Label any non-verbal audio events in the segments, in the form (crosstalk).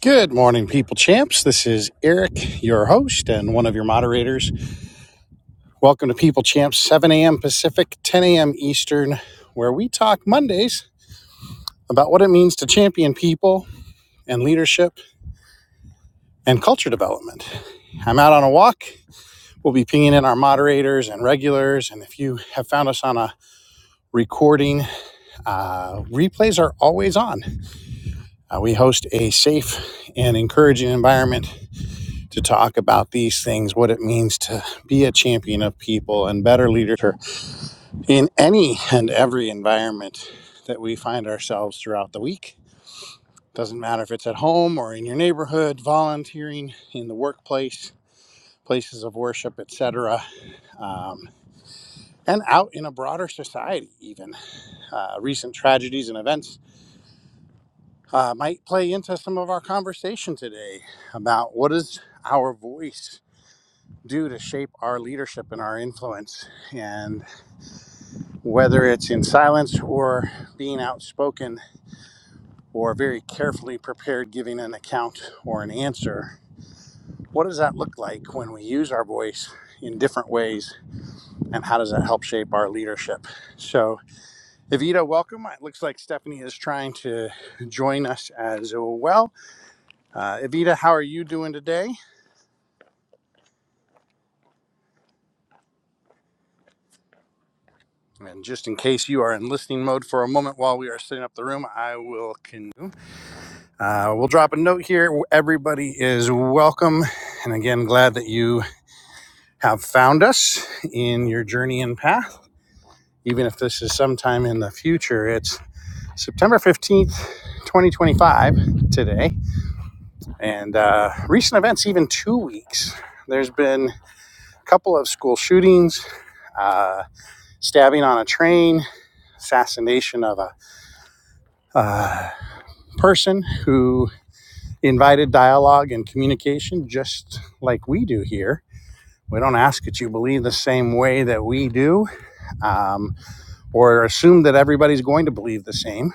Good morning, people champs. This is Eric, your host and one of your moderators. Welcome to People Champs, 7 a.m. Pacific, 10 a.m. Eastern, where we talk Mondays about what it means to champion people and leadership and culture development. I'm out on a walk. We'll be pinging in our moderators and regulars. And if you have found us on a recording, uh, replays are always on. Uh, we host a safe and encouraging environment to talk about these things, what it means to be a champion of people and better leadership in any and every environment that we find ourselves throughout the week. Doesn't matter if it's at home or in your neighborhood, volunteering in the workplace, places of worship, etc., um, and out in a broader society. Even uh, recent tragedies and events uh, might play into some of our conversation today about what is our voice do to shape our leadership and our influence. And whether it's in silence or being outspoken or very carefully prepared giving an account or an answer, what does that look like when we use our voice in different ways? And how does that help shape our leadership? So, Evita, welcome. It looks like Stephanie is trying to join us as well. Uh, Evita, how are you doing today? And just in case you are in listening mode for a moment while we are setting up the room, I will continue. Uh, we'll drop a note here. Everybody is welcome. And again, glad that you have found us in your journey and path. Even if this is sometime in the future, it's September 15th, 2025 today. And uh, recent events, even two weeks, there's been a couple of school shootings, uh, stabbing on a train, assassination of a uh, person who invited dialogue and communication just like we do here We don't ask that you believe the same way that we do um, or assume that everybody's going to believe the same.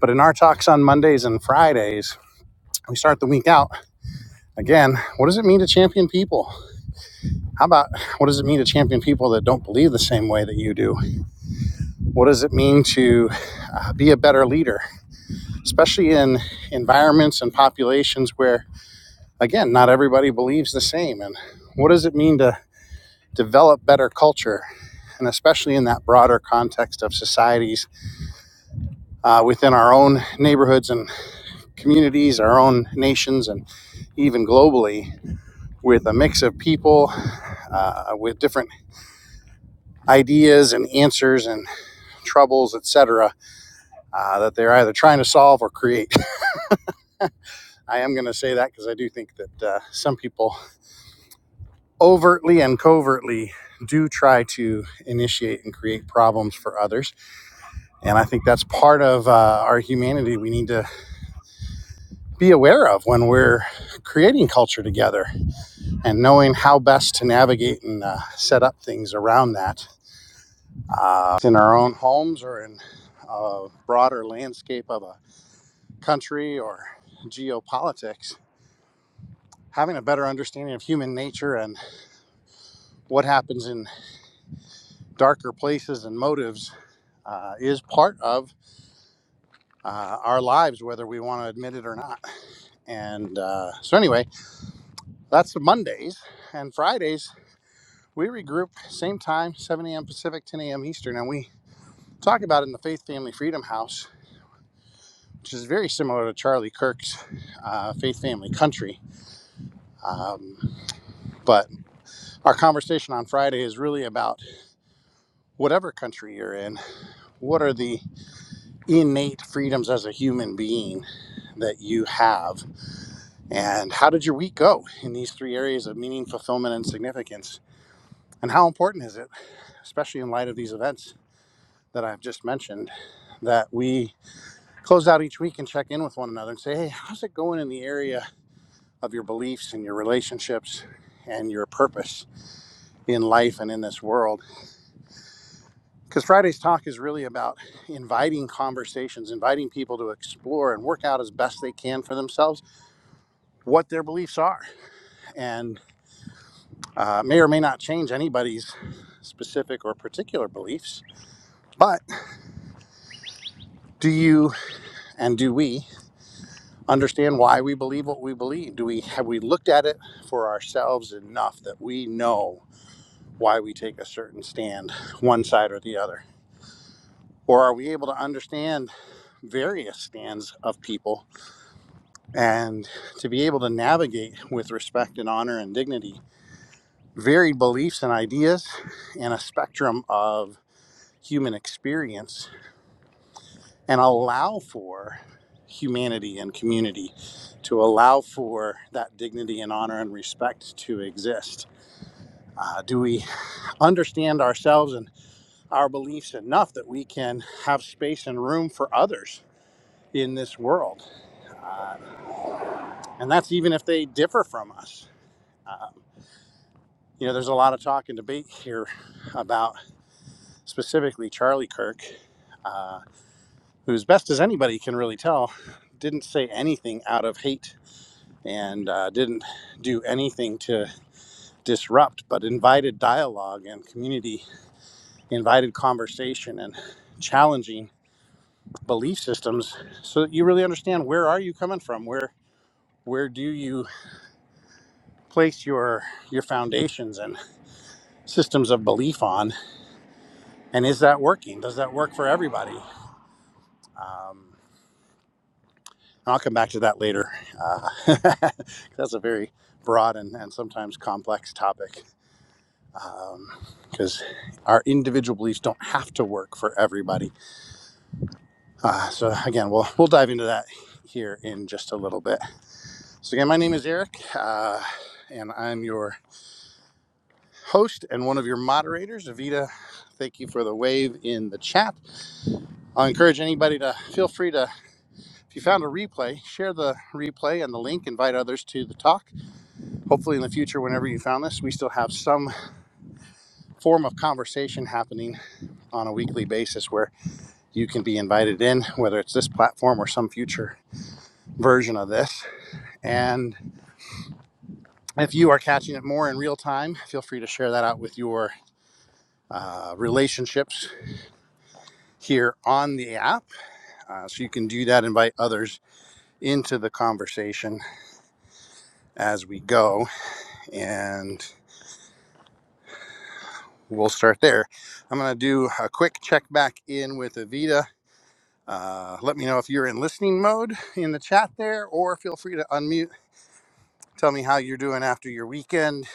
But in our talks on Mondays and Fridays, we start the week out again. What does it mean to champion people? How about what does it mean to champion people that don't believe the same way that you do? What does it mean to uh, be a better leader, especially in environments and populations where, again, not everybody believes the same? And what does it mean to develop better culture, and especially in that broader context of societies uh, within our own neighborhoods and communities, our own nations, and even globally, with a mix of people uh, with different ideas and answers and troubles, etc., uh, that they're either trying to solve or create. (laughs) I am going to say that because I do think that uh, some people overtly and covertly do try to initiate and create problems for others And I think that's part of uh, our humanity we need to be aware of when we're creating culture together and knowing how best to navigate and uh, set up things around that uh, in our own homes or in a broader landscape of a country or geopolitics. Having a better understanding of human nature and what happens in darker places and motives uh, is part of uh, our lives, whether we want to admit it or not. And uh, so, anyway, That's the Mondays and Fridays. We regroup same time, 7 a.m. Pacific, 10 a.m. Eastern, and we talk about it in the Faith Family Freedom House, which is very similar to Charlie Kirk's uh, Faith Family Country. Um, but our conversation on Friday is really about whatever country you're in. What are the innate freedoms as a human being that you have, and how did your week go in these three areas of meaning, fulfillment, and significance? And how important is it, especially in light of these events? that I've just mentioned that we close out each week and check in with one another and say, hey, how's it going in the area of your beliefs and your relationships and your purpose in life and in this world? Because Friday's talk is really about inviting conversations, inviting people to explore and work out as best they can for themselves what their beliefs are and uh, may or may not change anybody's specific or particular beliefs. But do you and do we? understand why we believe what we believe do we have we looked at it for ourselves enough that we know why we take a certain stand one side or the other or are we able to understand various stands of people and to be able to navigate with respect and honor and dignity varied beliefs and ideas and a spectrum of human experience and allow for humanity and community, to allow for that dignity and honor and respect to exist? Uh, do we understand ourselves and our beliefs enough that we can have space and room for others in this world? Uh, and that's even if they differ from us. Um, you know, there's a lot of talk and debate here about specifically Charlie Kirk, uh, who, as best as anybody can really tell, didn't say anything out of hate and uh, didn't do anything to disrupt, but invited dialogue and community, invited conversation and challenging belief systems so that you really understand where are you coming from where where do you place your your foundations and systems of belief on and is that working does that work for everybody um, and i'll come back to that later uh, (laughs) that's a very broad and, and sometimes complex topic because um, our individual beliefs don't have to work for everybody. Uh, so again, we'll we'll dive into that here in just a little bit. So again, my name is Eric, uh, and I'm your host and one of your moderators. Avita, thank you for the wave in the chat. I'll encourage anybody to feel free to. If you found a replay, share the replay and the link. Invite others to the talk. Hopefully, in the future, whenever you found this, we still have some form of conversation happening on a weekly basis where you can be invited in, whether it's this platform or some future version of this. And if you are catching it more in real time, feel free to share that out with your uh, relationships here on the app. Uh, so you can do that, invite others into the conversation as we go. And we'll start there. I'm going to do a quick check back in with Avita. Uh, let me know if you're in listening mode in the chat there, or feel free to unmute. Tell me how you're doing after your weekend,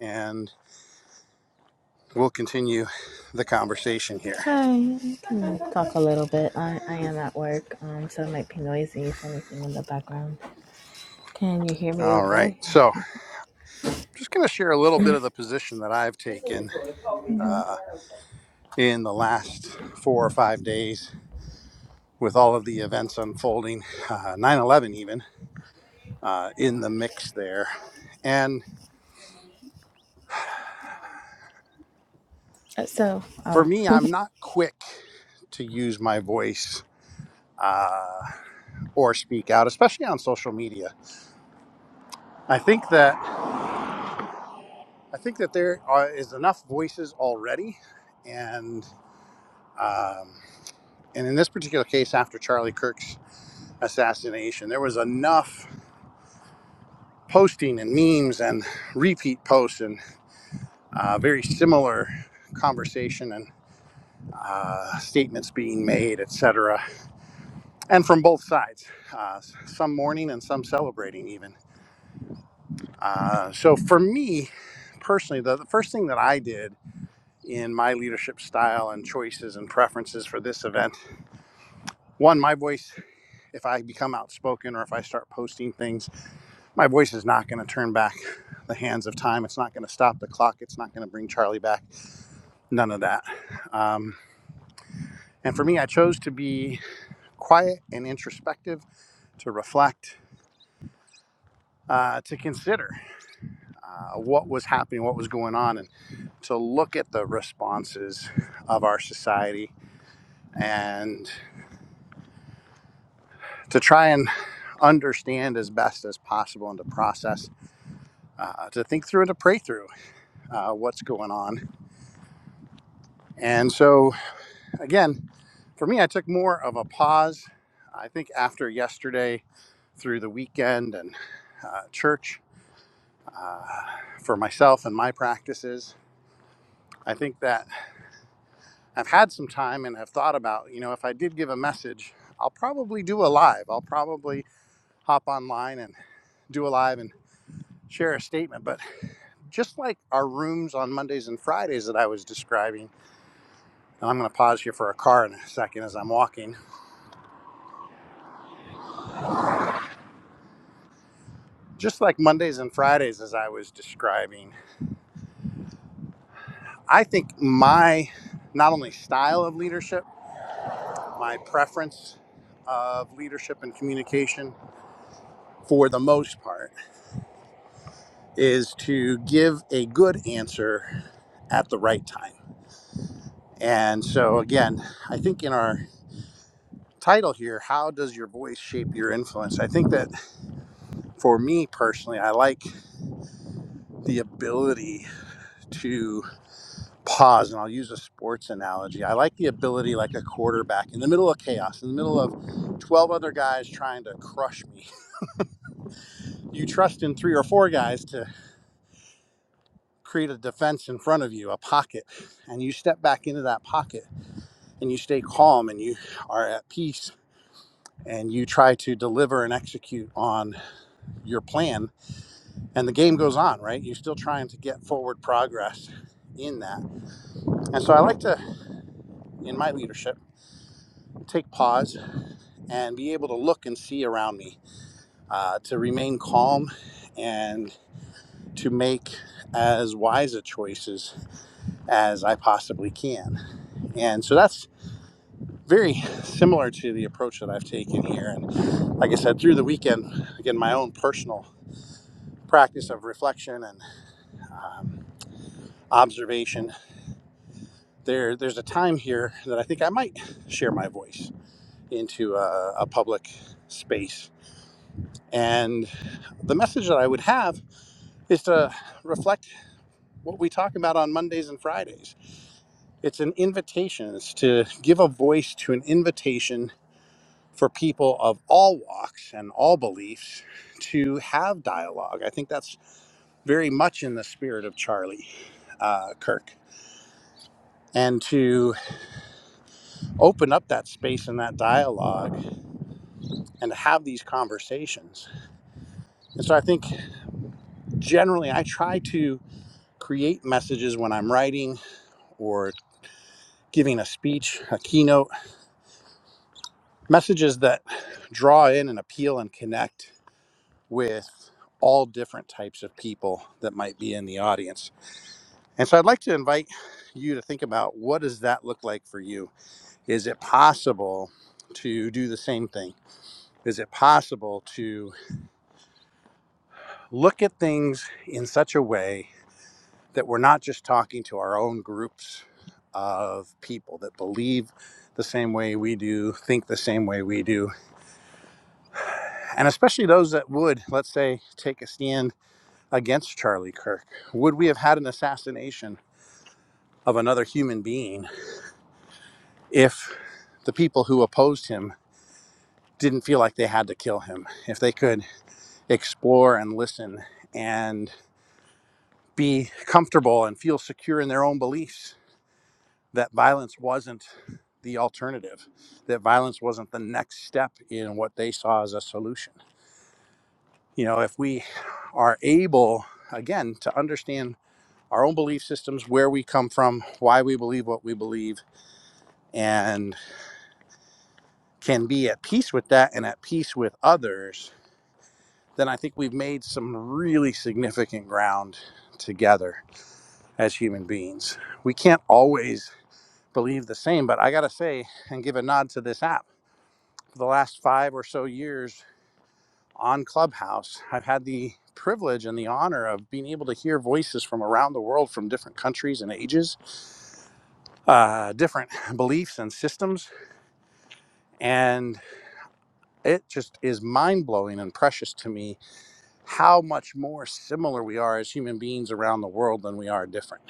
and we'll continue the conversation here. Hi, I can talk a little bit. I, I am at work, um, so it might be noisy if anything in the background. Can you hear me All right. okay? So, I'm just going to share a little bit of the position that I've taken Mhm. uh, in the last four or five days with all of the events unfolding, uh, 9 11 even, uh, in the mix there. And Uh, So, for oh, me, I'm not quick to use my voice. Uh, or speak out, especially on social media. I think that I think that there are, is enough voices already, and um, And in this particular case, after Charlie Kirk's assassination, there was enough posting and memes and repeat posts and uh, very similar conversation and uh, statements being made, et cetera, And from both sides, uh, some mourning and some celebrating, even. Uh, so for me personally, the, the first thing that I did in my leadership style and choices and preferences for this event one, my voice, if I become outspoken or if I start posting things My voice is not going to turn back the hands of time. It's not going to stop the clock. It's not going to bring Charlie back. None of that. Um, and for me, I chose to be quiet and introspective, to reflect, uh, to consider uh, what was happening, what was going on, and to look at the responses of our society and to try and understand as best as possible and to process, uh, to think through and to pray through uh, what's going on. And so, again, For me, I took more of a pause. I think after yesterday, through the weekend and uh, church, uh, for myself and my practices, I think that I've had some time and have thought about, you know, if I did give a message, I'll probably do a live. I'll probably hop online and do a live and share a statement. But just like our rooms on Mondays and Fridays that I was describing, and I'm going to pause here for a car in a second as I'm walking, just like Mondays and Fridays as I was describing. I think my not only style of leadership, my preference of leadership and communication for the most part is to give a good answer at the right time. And so, again, I think in our title here, how does your voice shape your influence? I think that for me personally, I like the ability to. pause, and I'll use a sports analogy. I like the ability, like a quarterback, in the middle of chaos, in the middle of 12 other guys trying to crush me. (laughs) You trust in three or four guys to create a defense in front of you, a pocket, and you step back into that pocket and you stay calm and you are at peace and you try to deliver and execute on your plan and the game goes on right you're still trying to get forward progress in that and so i like to in my leadership take pause and be able to look and see around me, uh, to remain calm and to make as wise a choices as I possibly can. And so that's very similar to the approach that I've taken here. And like I said, through the weekend, again, my own personal practice of reflection and um, observation, there, there's a time here that I think I might share my voice into a, a public space. And the message that I would have is to reflect what we talk about on Mondays and Fridays. It's an invitation, it's to give a voice to an invitation for people of all walks and all beliefs to have dialogue. I think that's very much in the spirit of Charlie uh, Kirk. And to open up that space and that dialogue and to have these conversations. And so I think generally I try to create messages when I'm writing or giving a speech, a keynote messages that draw in and appeal and connect with all different types of people that might be in the audience. And so I'd like to invite you to think about what does that look like for you? Is it possible to do the same thing? Is it possible to look at things in such a way that we're not just talking to our own groups of people that believe the same way we do, think the same way we do, and especially those that would, let's say, take a stand against Charlie Kirk? Would we have had an assassination of another human being if the people who opposed him didn't feel like they had to kill him? If they could explore and listen and be comfortable and feel secure in their own beliefs that violence wasn't the alternative, that violence wasn't the next step in what they saw as a solution. You know, if we are able, again, to understand our own belief systems, where we come from, why we believe what we believe, and can be at peace with that and at peace with others, then I think we've made some really significant ground together as human beings. We can't always believe the same, but I got to say and give a nod to this app. For the last five or so years on Clubhouse, I've had the privilege and the honor of being able to hear voices from around the world from different countries and ages, uh, different beliefs and systems. And it just is mind blowing and precious to me how much more similar we are as human beings around the world than we are different.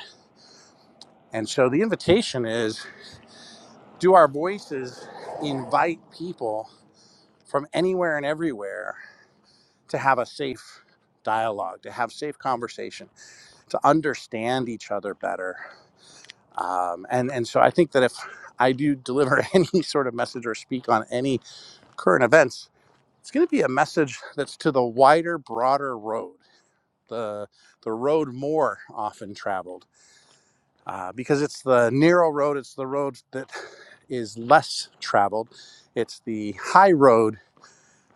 And so the invitation is do our voices invite people from anywhere and everywhere to have a safe dialogue, to have safe conversation, to understand each other better? Um, and, and so I think that if I do (laughs) deliver any sort of message or speak on any current events, it's going to be a message that's to the wider, broader road, the, the road more often traveled uh, because it's the narrow road. It's the road that is less traveled. It's the high road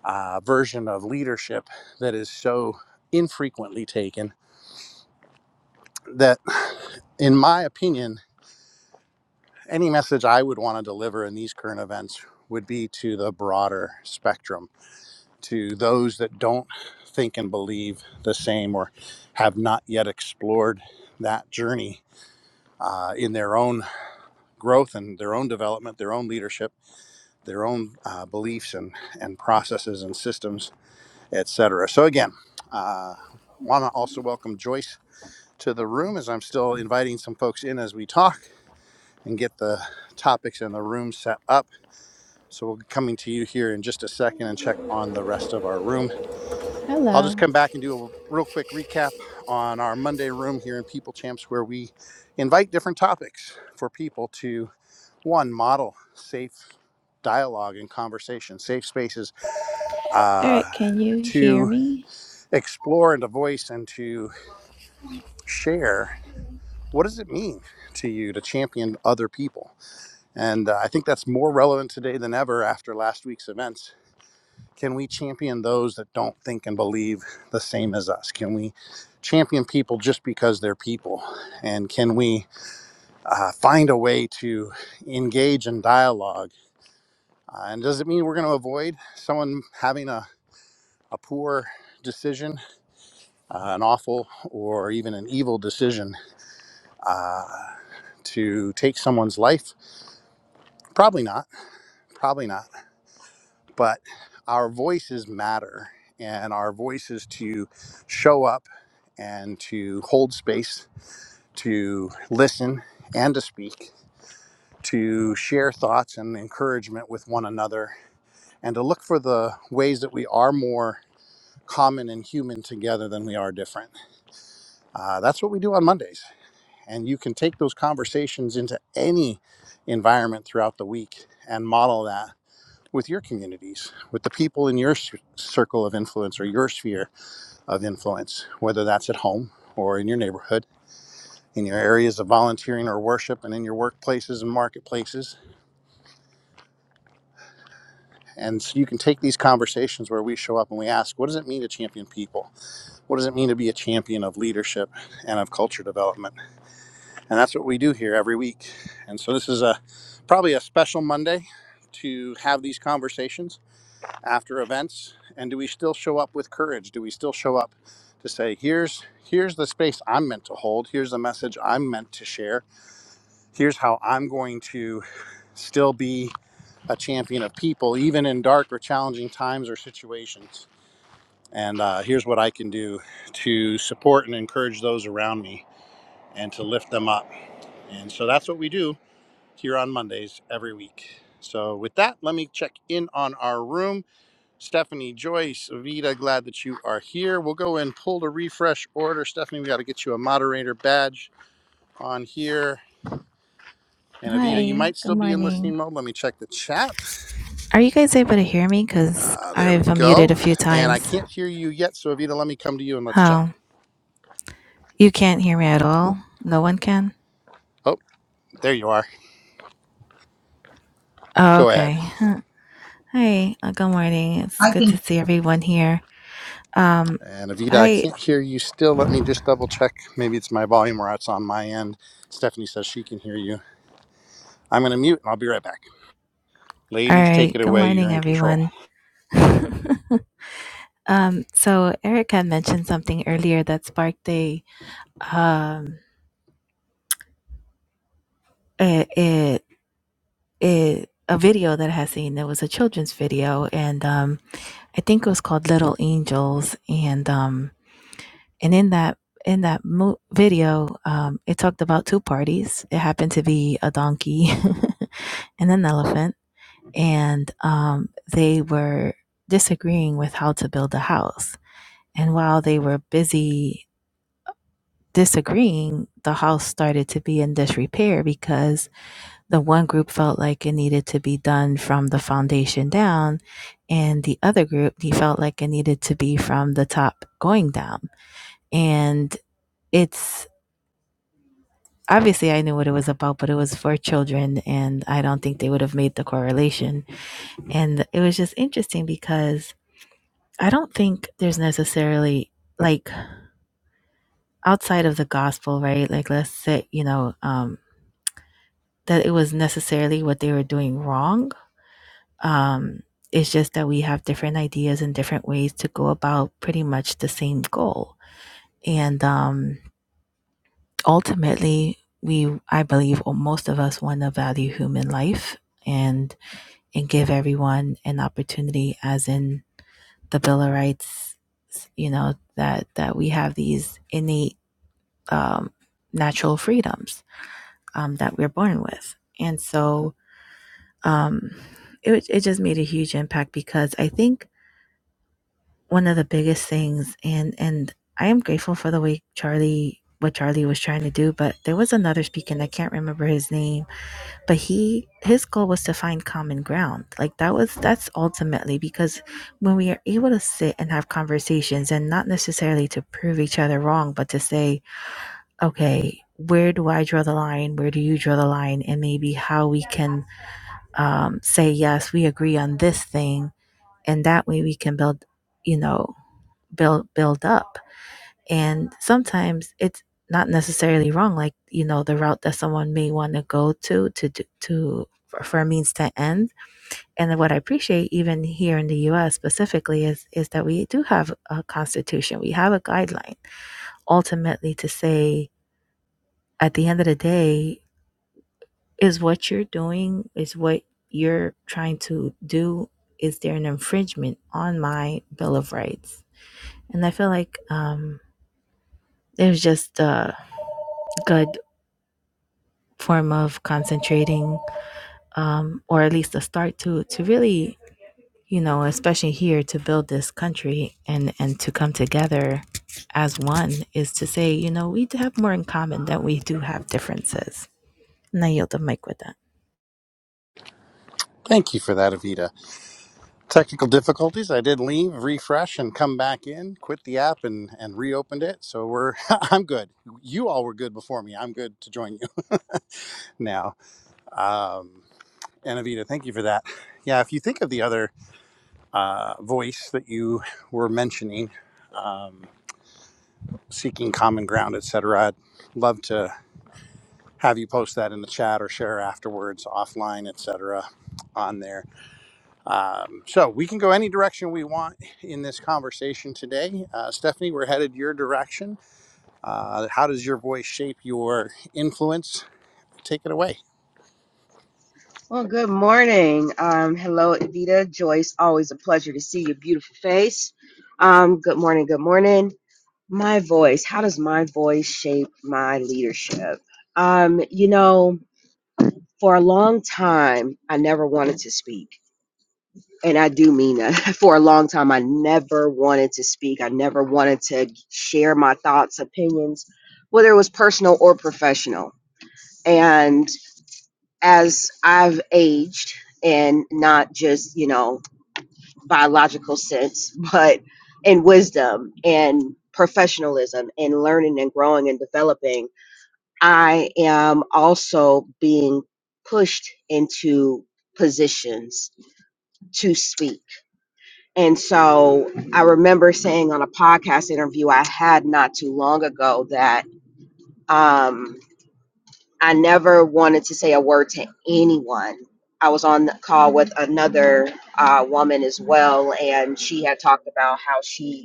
uh, version of leadership that is so infrequently taken that, in my opinion, any message I would want to deliver in these current events would be to the broader spectrum, to those that don't think and believe the same or have not yet explored that journey uh, in their own growth and their own development, their own leadership their own uh, beliefs and, and processes and systems, etc. So again, I uh, want to also welcome Joyce to the room as I'm still inviting some folks in as we talk and get the topics in the room set up. So we'll be coming to you here in just a second and check on the rest of our room. I'll just hello. come back and do a real quick recap on our Monday room here in People Champs where we invite different topics for people to one model safe dialogue and conversation, safe spaces uh, Eric, can you hear to me? explore and to voice and to share what does it mean to you to champion other people and uh, i think that's more relevant today than ever after last week's events can we champion those that don't think and believe the same as us can we champion people just because they're people and can we uh, find a way to engage in dialogue uh, and does it mean we're going to avoid someone having a, a poor decision uh, an awful or even an evil decision uh, to take someone's life? Probably not. Probably not. But our voices matter, and our voices to show up and to hold space, to listen and to speak, to share thoughts and encouragement with one another, and to look for the ways that we are more common and human together than we are different. Uh, that's what we do on Mondays. And you can take those conversations into any environment throughout the week and model that with your communities, with the people in your circle of influence or your sphere of influence, whether that's at home or in your neighborhood, in your areas of volunteering or worship, and in your workplaces and marketplaces. And so you can take these conversations where we show up and we ask, what does it mean to champion people? What does it mean to be a champion of leadership and of culture development? and that's what we do here every week. And so this is a probably a special Monday to have these conversations after events. And do we still show up with courage? Do we still show up to say, here's here's the space I'm meant to hold. Here's the message I'm meant to share. Here's how I'm going to still be a champion of people, even in dark or challenging times or situations. And uh, here's what I can do to support and encourage those around me and to lift them up. And so that's what we do here on Mondays every week. So, with that, let me check in on our room. Stephanie Joyce, Vida, glad that you are here. We'll go and pull the refresh order. Stephanie, we got to get you a moderator badge on here. And Avita, you Hi, might good still be in listening morning. mode. Let me check the chat. Are you guys able to hear me? Because Uh, there we I've go. unmuted a few And I times. can't hear you yet. So, Avita, let me come to you and let's Oh, check. you can't hear me at all? No one can? Oh, there you are. Oh, Go ahead. okay. (laughs) Huh. Hi, uh, good morning. It's I good think. to see everyone here. Um, And Avita, I I. can't hear you still. Let me just double check. Maybe it's my volume or it's on my end. Stephanie says she can hear you. I'm going to mute and I'll be right back. All Ladies, right. take it Good away. You're morning, in control. everyone. (laughs) um, so Eric had mentioned something earlier that sparked a um a, a, a, a video that I had seen. It was a children's video, and um, I think it was called Little Angels. And um, and in that in that mo- video, um, it talked about two parties. It happened to be a donkey (laughs) and an elephant, and um, they were disagreeing with how to build a house And while they were busy disagreeing, the house started to be in disrepair because the one group felt like it needed to be done from the foundation down, and the other group they felt like it needed to be from the top going down. And it's obviously I knew what it was about, but it was for children, and I don't think they would have made the correlation. And it was just interesting because I don't think there's necessarily like outside of the gospel, right? Like let's say, you know, um, that it was necessarily what they were doing wrong. Um, it's just that we have different ideas and different ways to go about pretty much the same goal. And um, ultimately, we, I believe, most of us want to value human life and and give everyone an opportunity, as in the Bill of Rights. You know that that we have these innate um, natural freedoms um, that we're born with. And so um, it, it just made a huge impact because I think one of the biggest things, and, and I am grateful for the way Charlie, what Charlie was trying to do, but there was another speaker, and I can't remember his name, but he, his goal was to find common ground. Like that was, that's ultimately because when we are able to sit and have conversations and not necessarily to prove each other wrong, but to say, okay, where do I draw the line? Where do you draw the line? And maybe how we can um, say yes we agree on this thing and that way we can build you know build build up and sometimes it's not necessarily wrong like you know the route that someone may want to go to to to for, a means to end and what i appreciate even here in the us specifically is is that we do have a constitution we have a guideline ultimately to say at the end of the day is what you're doing is what you're trying to do is there an infringement on my bill of rights and i feel like um there's just a good form of concentrating um or at least a start to to really you know especially here to build this country and and to come together as one is to say you know we have more in common than we do have differences and i yield the mic with that Thank you for that, Avita. Technical difficulties. I did leave, refresh, and come back in, quit the app and, and reopened it. So we're, (laughs) I'm good. You all were good before me. I'm good to join you (laughs) now. Um, and Avita, thank you for that. Yeah, if you think of the other uh, voice that you were mentioning, um, seeking common ground, etc., I'd love to have you post that in the chat or share afterwards offline etc on there um, so we can go any direction we want in this conversation today uh, stephanie we're headed your direction uh, how does your voice shape your influence take it away Well, good morning. Um, hello, Evita, Joyce. Always a pleasure to see your beautiful face. Um, good morning. Good morning. My voice. How does my voice shape my leadership? Um, you know, for a long time, I never wanted to speak. And I do mean that. (laughs) For a long time, I never wanted to speak. I never wanted to share my thoughts, opinions, whether it was personal or professional. And as I've aged, and not just you know biological sense, but in wisdom and professionalism and learning and growing and developing, I am also being pushed into positions to speak. And so I remember saying on a podcast interview I had not too long ago that um, I never wanted to say a word to anyone. I was on the call with another uh, woman as well, and she had talked about how she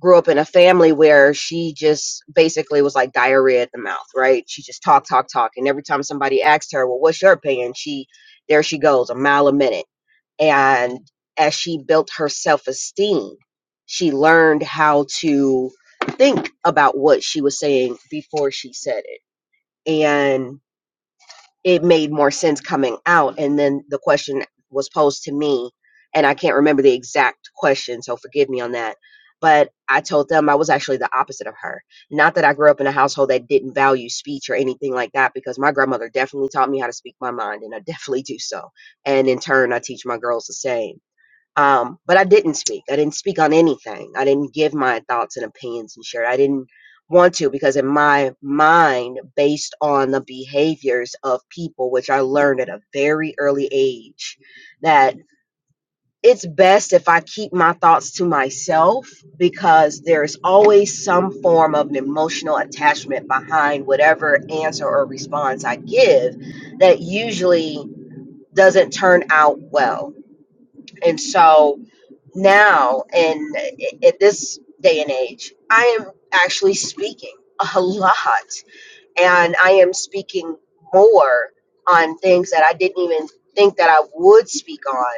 grew up in a family where she just basically was like diarrhea at the mouth, right? She just talk, talk, talk. And every time somebody asked her, Well, what's your opinion? She there she goes, a mile a minute. And as she built her self esteem, she learned how to think about what she was saying before she said it. And it made more sense coming out. And then the question was posed to me, and I can't remember the exact question, so forgive me on that. But I told them I was actually the opposite of her. Not that I grew up in a household that didn't value speech or anything like that, because my grandmother definitely taught me how to speak my mind, and I (laughs) definitely do so. And in turn, I teach my girls the same. Um, but I didn't speak. I didn't speak on anything. I didn't give my thoughts and opinions and share. I didn't want to because in my mind, based on the behaviors of people, which I learned at a very early age, that it's best if I keep my thoughts to myself because there's always some form of an emotional attachment behind whatever answer or response I give that usually doesn't turn out well. And so now in in this day and age, I am actually speaking a lot and I am speaking more on things that I didn't even think that I would speak on.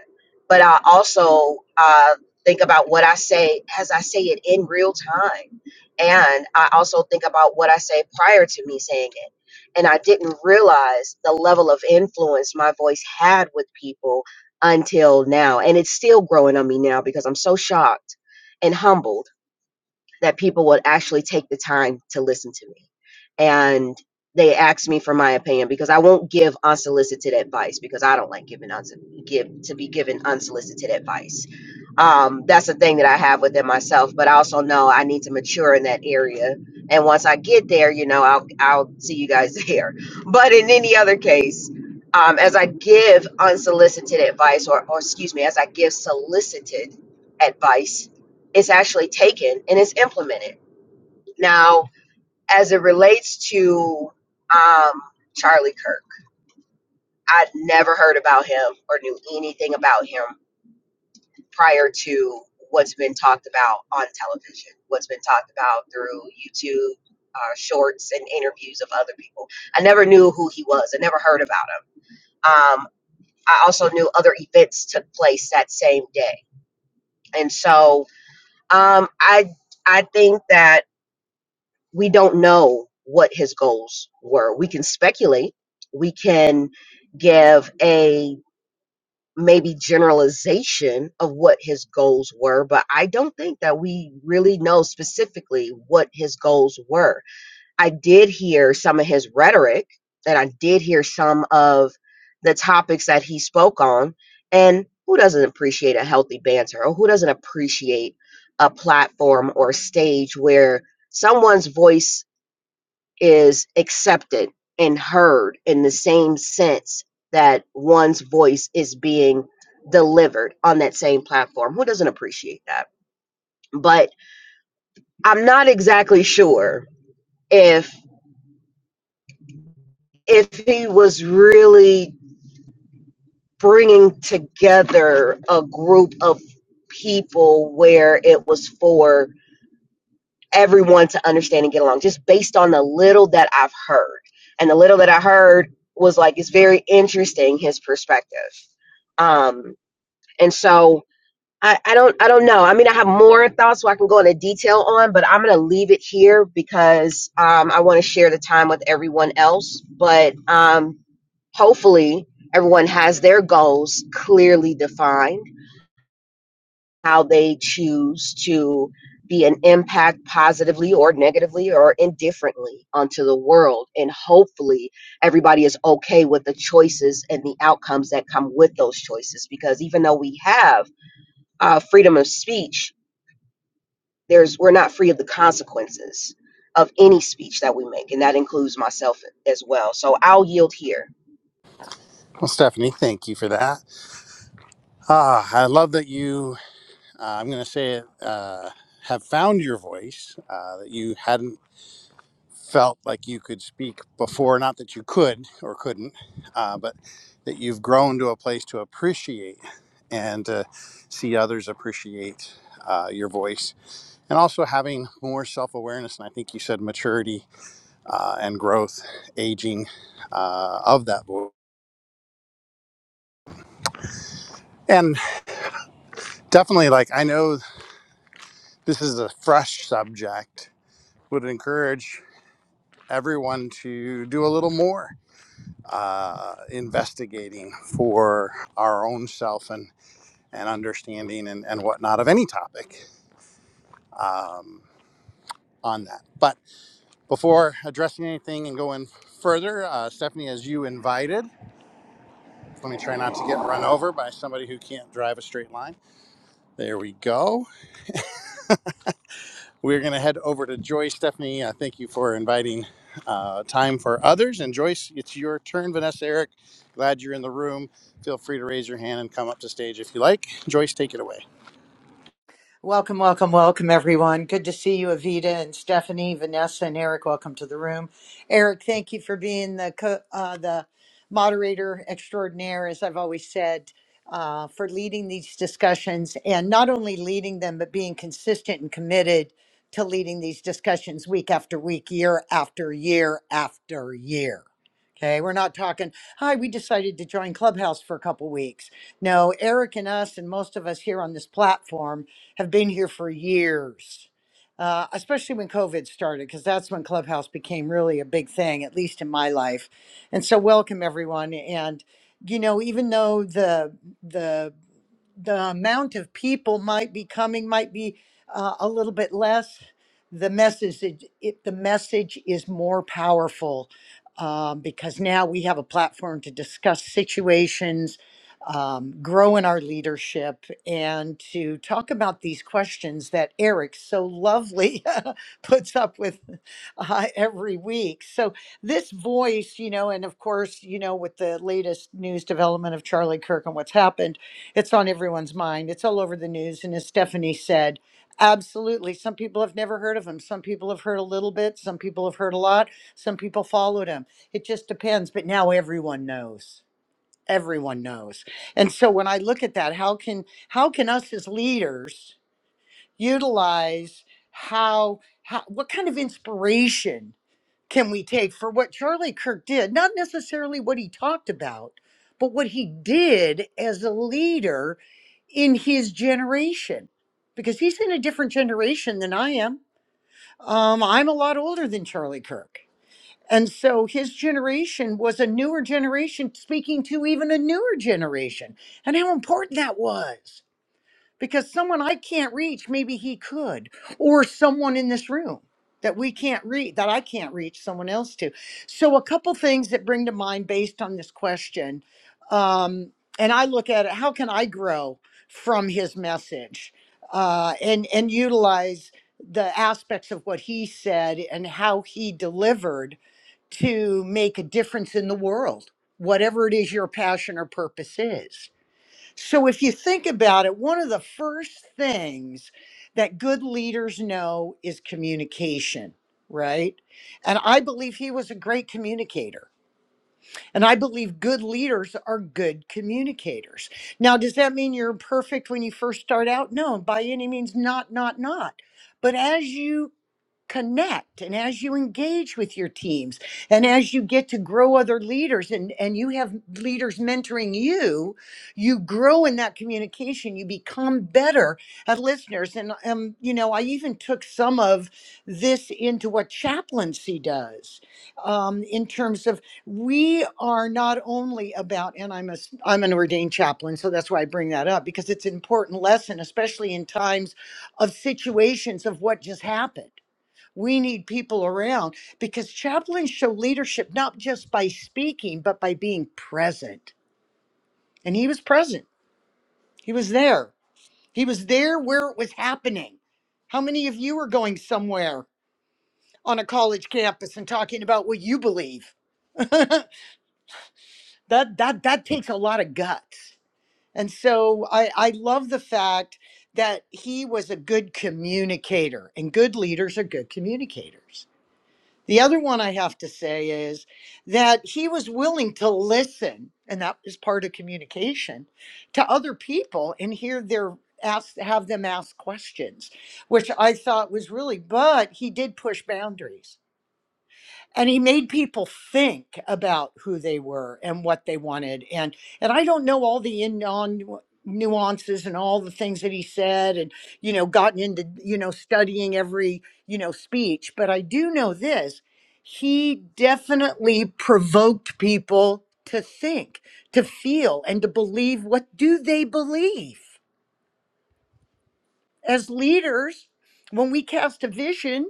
But I also uh, think about what I say as I say it in real time, and I also think about what I say prior to me saying it. And I didn't realize the level of influence my voice had with people until now, and it's still growing on me now because I'm so shocked and humbled that people would actually take the time to listen to me. And they asked me for my opinion because I won't give unsolicited advice because I don't like giving uns- give to be given unsolicited advice. Um, that's the thing that I have within myself, but I also know I need to mature in that area. And once I get there, you know, I'll I'll see you guys (laughs) there. But in any other case, um, as I give unsolicited advice, or, or excuse me, as I give solicited advice, it's actually taken and it's implemented. Now, as it relates to um, Charlie Kirk, I'd never heard about him or knew anything about him prior to what's been talked about on television, what's been talked about through YouTube uh, shorts and interviews of other people. I never knew who he was, I never heard about him. Um, I also knew other events took place that same day. And so um, I, I think that we don't know what his goals were. We can speculate. We can give a maybe generalization of what his goals were, but I don't think that we really know specifically what his goals were. I did hear some of his rhetoric and I did hear some of the topics that he spoke on. And who doesn't appreciate a healthy banter or who doesn't appreciate a platform or stage where someone's voice is accepted and heard in the same sense that one's voice is being delivered on that same platform. Who doesn't appreciate that? But I'm not exactly sure if if he was really bringing together a group of people where it was for everyone to understand and get along just based on the little that I've heard. And the little that I heard was like, it's very interesting, his perspective. Um, and so I, I don't, I don't know. I mean, I have more thoughts so I can go into detail on, but I'm going to leave it here because, um, I want to share the time with everyone else, but, um, hopefully everyone has their goals clearly defined how they choose to be an impact positively or negatively or indifferently onto the world. And hopefully, everybody is okay with the choices and the outcomes that come with those choices. Because even though we have uh, freedom of speech, there's we're not free of the consequences of any speech that we make, and that includes myself as well. So I'll yield here. well stephanie thank you for that Ah, i love that you uh, I'm going to say it, uh, have found your voice uh, that you hadn't felt like you could speak before. Not that you could or couldn't, uh, but that you've grown to a place to appreciate and to see others appreciate uh, your voice. And also having more self awareness, and I think you said maturity uh, and growth, aging uh, of that voice. And definitely, like, I know this is a fresh subject, would encourage. everyone to do a little more uh, investigating for our own self and, and understanding and, and whatnot of any topic um, on that. But before addressing anything and going further, uh, Stephanie, as you invited, let me try not to get run over by somebody who can't drive a straight line. There we go. We're going to head over to Joyce. Stephanie, uh, thank you for inviting uh, time for others. And Joyce, it's your turn. Vanessa, Eric, glad you're in the room. Feel free to raise your hand and come up to stage if you like. Joyce, take it away. Welcome, welcome, welcome, everyone. Good to see you, Avita and Stephanie, Vanessa and Eric. Welcome to the room. Eric, thank you for being the co- uh, the moderator extraordinaire, as I've always said, uh, for leading these discussions and not only leading them but being consistent and committed to leading these discussions week after week, year after year after year. Okay, we're not talking. Hi, we decided to join Clubhouse for a couple weeks. No, Eric and us, and most of us here on this platform have been here for years, uh, especially when COVID started, because that's when Clubhouse became really a big thing, at least in my life. And so, welcome everyone. And you know, even though the the the amount of people might be coming might be uh, a little bit less. The message it, it, the message is more powerful um, because now we have a platform to discuss situations um, grow in our leadership and to talk about these questions that Eric so lovely (laughs) puts up with uh, every week. So, this voice, you know, and of course, you know, with the latest news development of Charlie Kirk and what's happened, it's on everyone's mind. It's all over the news. And as Stephanie said, absolutely. Some people have never heard of him. Some people have heard a little bit. Some people have heard a lot. Some people followed him. It just depends. But now everyone knows everyone knows and so when i look at that how can how can us as leaders utilize how, how what kind of inspiration can we take for what charlie kirk did not necessarily what he talked about but what he did as a leader in his generation because he's in a different generation than i am um, i'm a lot older than charlie kirk and so his generation was a newer generation speaking to even a newer generation, and how important that was because someone I can't reach, maybe he could, or someone in this room that we can't reach, that I can't reach someone else to. So, a couple things that bring to mind based on this question. Um, and I look at it how can I grow from his message uh, and, and utilize the aspects of what he said and how he delivered to make a difference in the world, whatever it is your passion or purpose is? So, if you think about it, one of the first things that good leaders know is communication, right? And I believe he was a great communicator. And I believe good leaders are good communicators. Now, does that mean you're perfect when you first start out? No, by any means, not, not, not. But as you connect and as you engage with your teams and as you get to grow other leaders and and you have leaders mentoring you you grow in that communication you become better at listeners and um you know i even took some of this into what chaplaincy does um in terms of we are not only about and i'm a a i'm an ordained chaplain so that's why i bring that up because it's an important lesson especially in times of situations of what just happened we need people around because chaplains show leadership not just by speaking, but by being present. And he was present, he was there. He was there where it was happening. How many of you are going somewhere on a college campus and talking about what you believe? (laughs) that, that, that takes a lot of guts. And so I, I love the fact that he was a good communicator, and good leaders are good communicators. The other one I have to say is that he was willing to listen, and that is part of communication, to other people and hear their ask have them ask questions, which I thought was really, but he did push boundaries and he made people think about who they were and what they wanted and and i don't know all the in on nuances and all the things that he said and you know gotten into you know studying every you know speech but i do know this he definitely provoked people to think to feel and to believe what do they believe as leaders when we cast a vision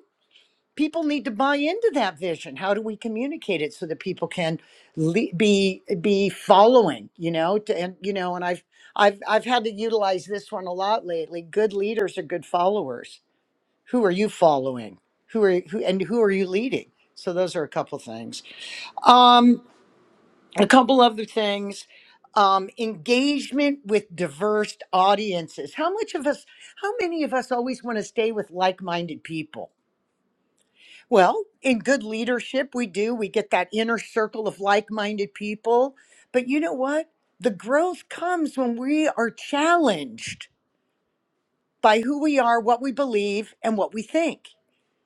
people need to buy into that vision how do we communicate it so that people can le- be be following you know to, and you know and i've i've i've had to utilize this one a lot lately good leaders are good followers who are you following who are who and who are you leading so those are a couple things um a couple other things um engagement with diverse audiences how much of us how many of us always want to stay with like-minded people well, in good leadership, we do. We get that inner circle of like minded people. But you know what? The growth comes when we are challenged by who we are, what we believe, and what we think.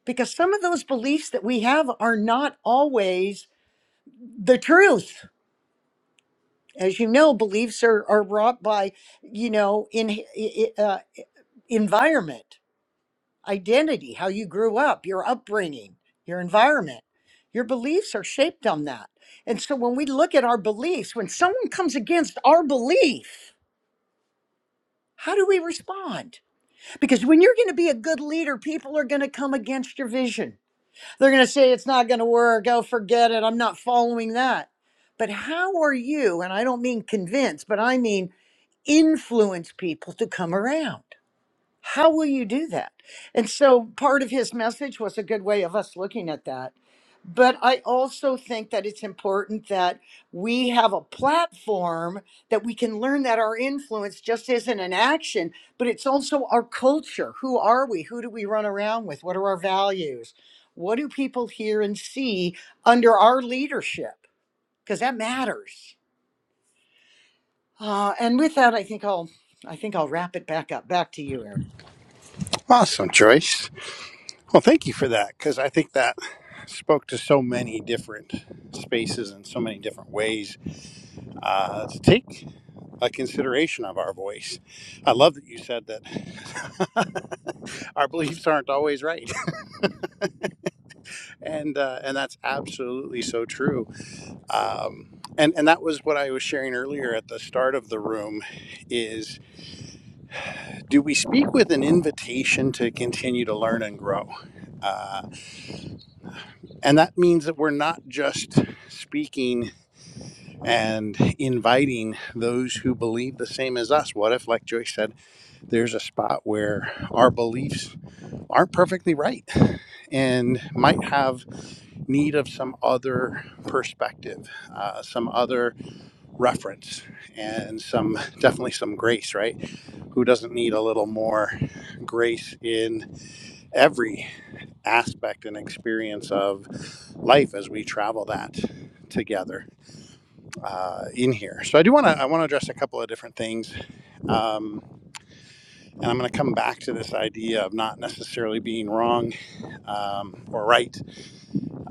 Because some of those beliefs that we have are not always the truth. As you know, beliefs are, are wrought by, you know, in, i- i- uh, environment. identity, how you grew up, your upbringing, your environment. Your beliefs are shaped on that. And so when we look at our beliefs, when someone comes against our belief, how do we respond? Because when you're going to be a good leader, people are going to come against your vision. They're going to say, it's not going to work. Oh, forget it. I'm not following that. But how are you, and I don't mean convince, but I mean influence people to come around? How will you do that? And so part of his message was a good way of us looking at that. But I also think that it's important that we have a platform that we can learn that our influence just isn't an action, but it's also our culture. Who are we? Who do we run around with? What are our values? What do people hear and see under our leadership? Because that matters. Uh, and with that, I think I'll I think I'll wrap it back up. Back to you, Eric. Awesome, Joyce. Well, thank you for that because I think that spoke to so many different spaces and so many different ways uh, to take a consideration of our voice. I love that you said that (laughs) our beliefs aren't always right and uh, and that's absolutely so true. Um, and and that was what I was sharing earlier at the start of the room. Is do we speak with an invitation to continue to learn and grow? Uh, and that means that we're not just speaking and inviting those who believe the same as us. What if, like Joyce said, there's a spot where our beliefs aren't perfectly right and might have need of some other perspective, uh, some other reference and some definitely some grace, right? Who doesn't need a little more grace in every aspect and experience of life as we travel that together uh, in here. So I do want to I want to address a couple of different things, um, and I'm going to come back to this idea of not necessarily being wrong um, or right,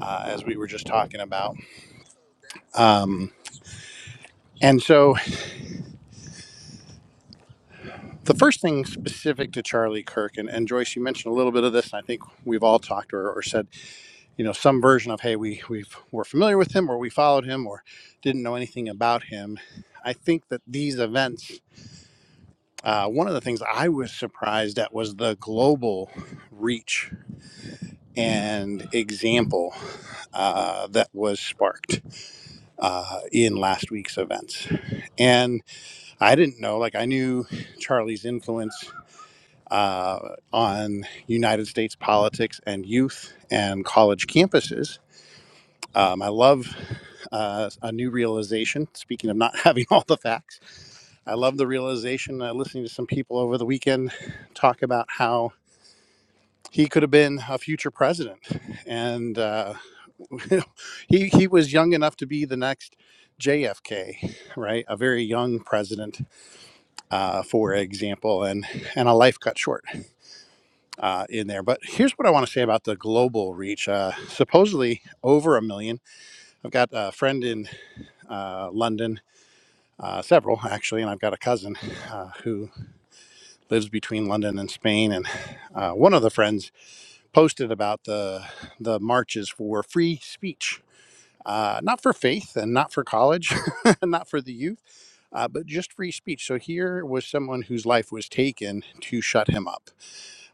uh, as we were just talking about. Um, and so The first thing specific to Charlie Kirk, and, and Joyce, you mentioned a little bit of this, and I think we've all talked or, or said, you know, some version of, hey, we we've, were familiar with him or we followed him or didn't know anything about him. I think that these events, uh, one of the things I was surprised at was the global reach and example uh, that was sparked uh, in last week's events. And I didn't know, like, I knew Charlie's influence uh, on United States politics and youth and college campuses. Um, I love uh, a new realization. Speaking of not (laughs) having all the facts, I love the realization uh, listening to some people over the weekend talk about how he could have been a future president, and uh, (laughs) he he was young enough to be the next JFK, right? A very young president, uh, for example, and and a life cut short. uh, in there. But here's what I want to say about the global reach. Uh, supposedly over a million. I've got a friend in uh, London, uh, several actually, and I've got a cousin uh, who lives between London and Spain. And uh, one of the friends posted about the the marches for free speech. Uh, not for faith and not for college, (laughs) not for the youth, uh, but just free speech. So here was someone whose life was taken to shut him up,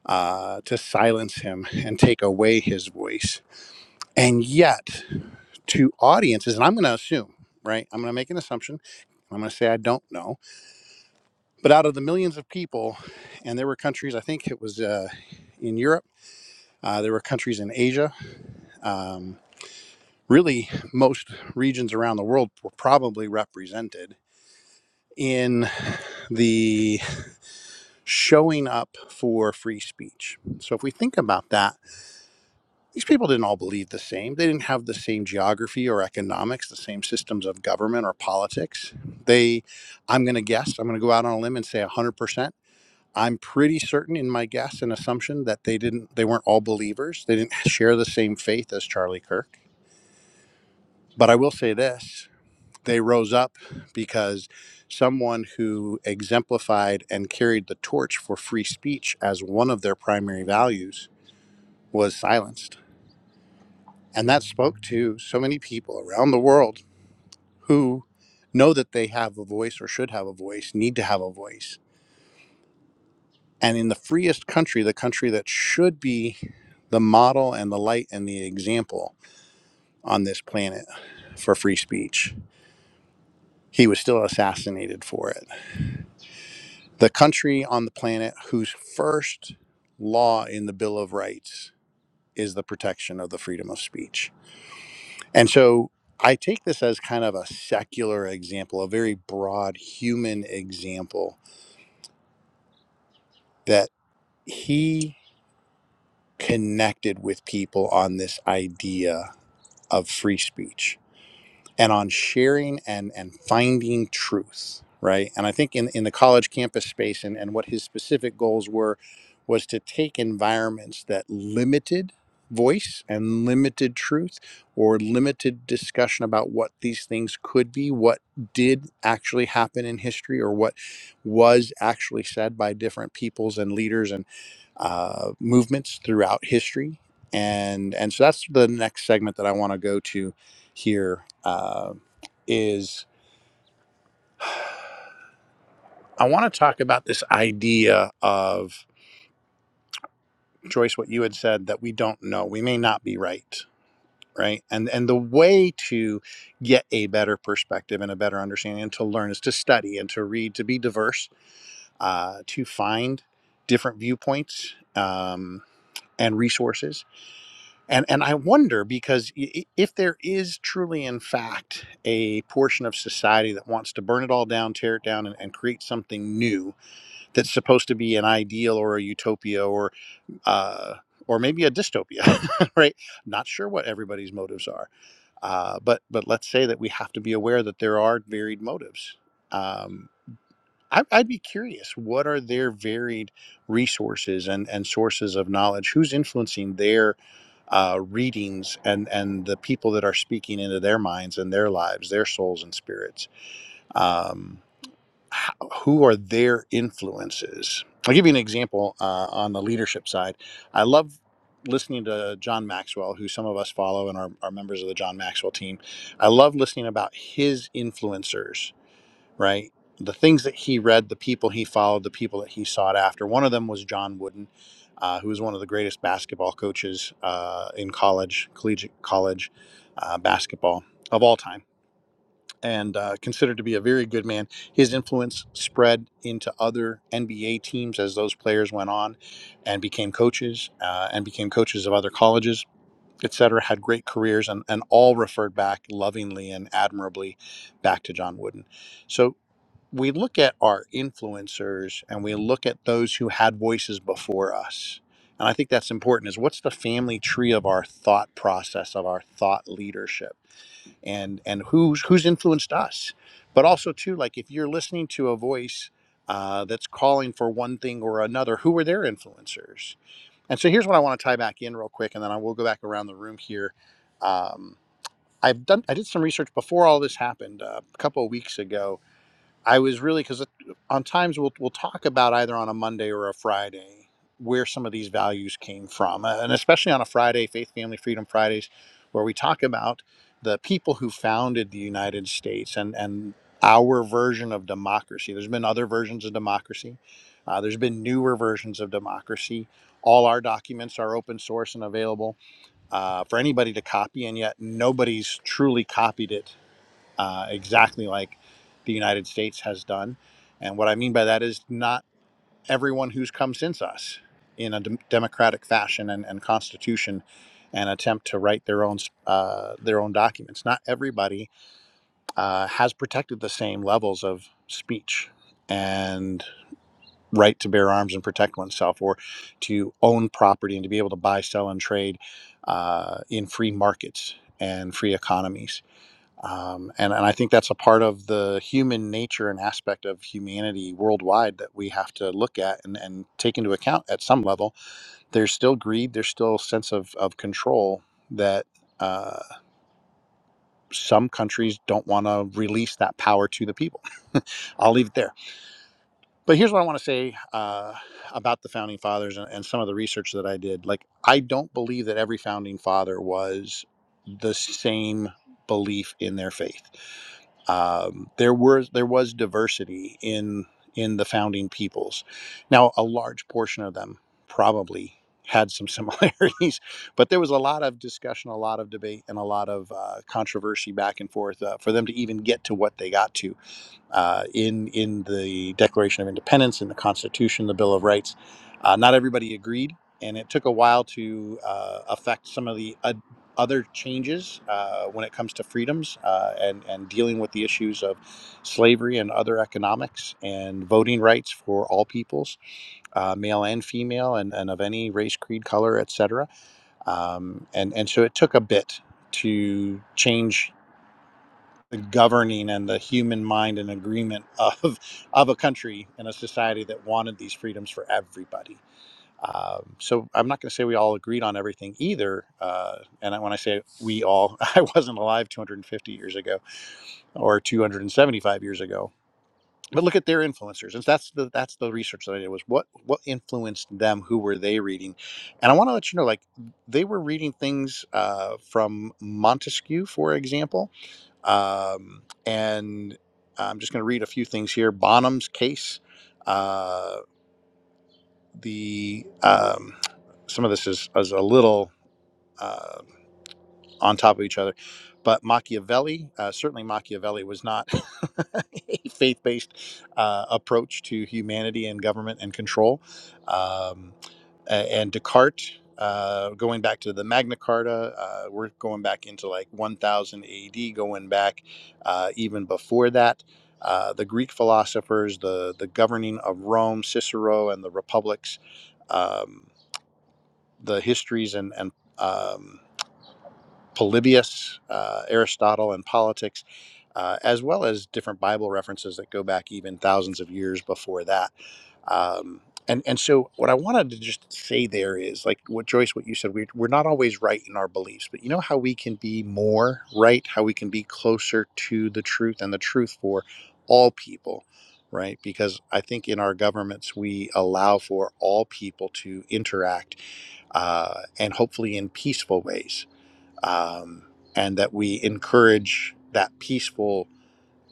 uh, to silence him, and take away his voice And yet, to audiences, and I'm going to assume, right? I'm going to make an assumption. I'm going to say I don't know. But out of the millions of people, and there were countries, I think it was uh, in Europe, uh, there were countries in Asia. Um, really, most regions around the world were probably represented in the showing up for free speech. So if we think about that, these people didn't all believe the same. They didn't have the same geography or economics, the same systems of government or politics. They, I'm going to guess, I'm going to go out on a limb and say 100%. I'm pretty certain in my guess and assumption that they didn't, they weren't all believers. They didn't (laughs) share the same faith as Charlie Kirk. But I will say this they rose up because someone who exemplified and carried the torch for free speech as one of their primary values was silenced And that spoke to so many people around the world who know that they have a voice or should have a voice, need to have a voice. And in the freest country, the country that should be the model and the light and the example on this planet for free speech, he was still assassinated for it. The country on the planet whose first law in the Bill of Rights is the protection of the freedom of speech And so I take this as kind of a secular example, a very broad human example that he connected with people on this idea of free speech and on sharing and and finding truth right and i think in in the college campus space and and what his specific goals were was to take environments that limited voice and limited truth or limited discussion about what these things could be what did actually happen in history or what was actually said by different peoples and leaders and uh, movements throughout history and and so that's the next segment that i want to go to here uh, is I want to talk about this idea of Joyce, what you had said that we don't know, we may not be right, right? And and the way to get a better perspective and a better understanding and to learn is to study and to read, to be diverse, uh, to find different viewpoints um, and resources. And and I wonder because i- if there is truly, in fact, a portion of society that wants to burn it all down, tear it down, and, and create something new that's supposed to be an ideal or a utopia or uh, or maybe a dystopia, (laughs) right? Not sure what everybody's motives are, uh, but but let's say that we have to be aware that there are varied motives. Um, I, I'd be curious, what are their varied resources and, and sources of knowledge? Who's influencing their uh, readings and, and the people that are speaking into their minds and their lives, their souls and spirits? Um, how, who are their influences? I'll give you an example uh, on the leadership side. I love listening to John Maxwell, who some of us follow and are, are members of the John Maxwell team. I love listening about his influencers, right? The things that he read, the people he followed, the people that he sought after. One of them was John Wooden, uh, who was one of the greatest basketball coaches uh, in college, collegiate college uh, basketball of all time and uh, considered to be a very good man. His influence spread into other NBA teams as those players went on and became coaches uh, and became coaches of other colleges, et cetera, had great careers and, and all referred back lovingly and admirably back to John Wooden. So we look at our influencers and we look at those who had voices before us. And I think that's important is what's the family tree of our thought process, of our thought leadership? and and who's who's influenced us but also too like if you're listening to a voice uh, that's calling for one thing or another who are their influencers and so here's what i want to tie back in real quick and then i will go back around the room here um, i've done i did some research before all this happened uh, a couple of weeks ago I was really because on times we'll we'll talk about either on a Monday or a Friday where some of these values came from, Uh, and especially on a Friday, Faith, Family, Freedom Fridays, where we talk about the people who founded the United States and and our version of democracy. There's been other versions of democracy. Uh, there's been newer versions of democracy. All our documents are open source and available uh, for anybody to copy, and yet nobody's truly copied it uh, exactly like the United States has done. And what I mean by that is not everyone who's come since us in a dem- democratic fashion and, and constitution and attempt to write their own uh, their own documents. Not everybody uh, has protected the same levels of speech and right to bear arms and protect oneself or to own property and to be able to buy, sell, and trade uh, in free markets and free economies um, and and I think that's a part of the human nature and aspect of humanity worldwide that we have to look at and, and take into account at some level. There's still greed. There's still a sense of of control that uh, some countries don't want to release that power to the people. (laughs) I'll leave it there. But here's what I want to say uh, about the founding fathers and, and some of the research that I did. Like, I don't believe that every founding father was the same belief in their faith. Um, there was there was diversity in in the founding peoples. Now, a large portion of them probably had some similarities, (laughs) but there was a lot of discussion, a lot of debate, and a lot of uh, controversy back and forth uh, for them to even get to what they got to uh, in in the Declaration of Independence, in the Constitution, the Bill of Rights. Uh, not everybody agreed, and it took a while to uh, affect some of the od- other changes uh, when it comes to freedoms uh, and and dealing with the issues of slavery and other economics and voting rights for all peoples, uh, male and female, and, and of any race, creed, color, etc. Um, and and so it took a bit to change the governing and the human mind and agreement (laughs) of of a country and a society that wanted these freedoms for everybody. Um, so I'm not going to say we all agreed on everything either. Uh, and I- when I say we all, (laughs) I wasn't alive 250 years ago or 275 years ago. But look at their influencers, and that's the that's the research that I did was what what influenced them, who were they reading, and I want to let you know like they were reading things uh, from Montesquieu, for example, um, and I'm just going to read a few things here. Bonham's case. Uh, the um, some of this is, is a little. uh, on top of each other. But Machiavelli, uh, certainly Machiavelli, was not (laughs) a faith based uh, approach to humanity and government and control. Um, a- and Descartes, uh, going back to the Magna Carta, uh, we're going back into like 1000 AD, going back uh, even before that. Uh, the Greek philosophers, the, the governing of Rome, Cicero, and the republics, um, the histories and, and um, Polybius, uh, Aristotle, and politics, uh, as well as different Bible references that go back even thousands of years before that. Um, and and so what I wanted to just say there is like what Joyce, what you said, we, we're not always right in our beliefs, but you know how we can be more right, how we can be closer to the truth and the truth for all people. Right, because I think in our governments we allow for all people to interact uh, and hopefully in peaceful ways um, and that we encourage that peaceful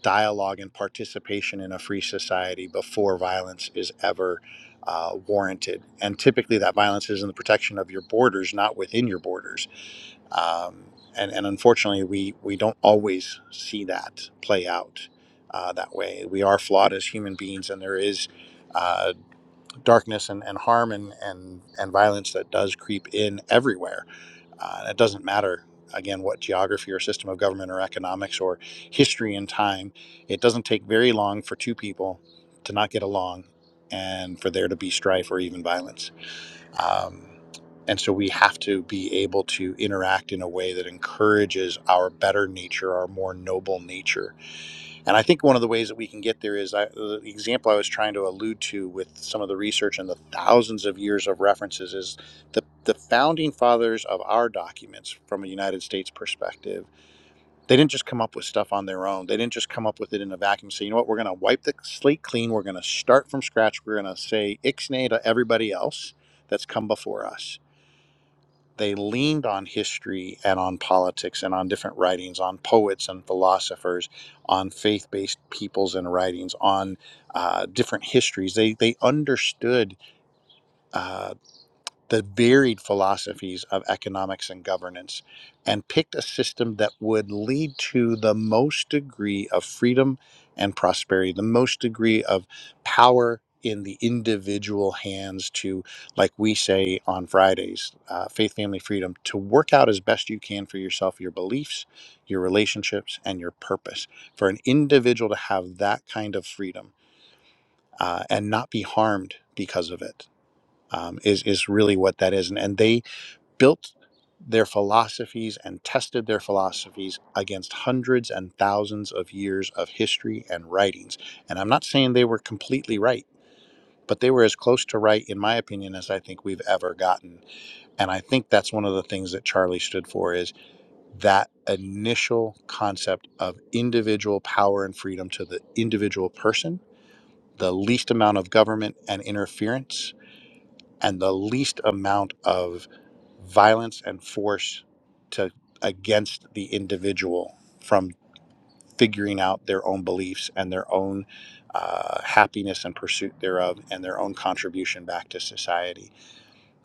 dialogue and participation in a free society before violence is ever uh, warranted. And typically, that violence is in the protection of your borders, not within your borders. Um, and, and unfortunately, we, we don't always see that play out uh, that way. We are flawed as human beings, and there is uh, darkness and, and harm and, and, and violence that does creep in everywhere uh, it doesn't matter, again, what geography or system of government or economics or history and time. It doesn't take very long for two people to not get along and for there to be strife or even violence. Um, and so we have to be able to interact in a way that encourages our better nature, our more noble nature, and I think one of the ways that we can get there is I, the example I was trying to allude to with some of the research and the thousands of years of references is the, the founding fathers of our documents from a United States perspective. They didn't just come up with stuff on their own. They didn't just come up with it in a vacuum. and Say, you know what, we're going to wipe the slate clean. We're going to start from scratch. We're going to say ixnay to everybody else that's come before us they leaned on history and on politics and on different writings, on poets and philosophers, on faith based peoples and writings, on uh, different histories. They, they understood uh, the varied philosophies of economics and governance and picked a system that would lead to the most degree of freedom and prosperity, the most degree of power in the individual hands to, like we say on Fridays, uh, faith, family, freedom, to work out as best you can for yourself your beliefs, your relationships, and your purpose. For an individual to have that kind of freedom uh, and not be harmed because of it um, is is really what that is. And, and they built their philosophies and tested their philosophies against hundreds and thousands of years of history and writings. And I'm not saying they were completely right, but they were as close to right, in my opinion, as I think we've ever gotten. And I think that's one of the things that Charlie stood for is that initial concept of individual power and freedom to the individual person, the least amount of government and interference, and the least amount of violence and force to against the individual from figuring out their own beliefs and their own uh, happiness and pursuit thereof and their own contribution back to society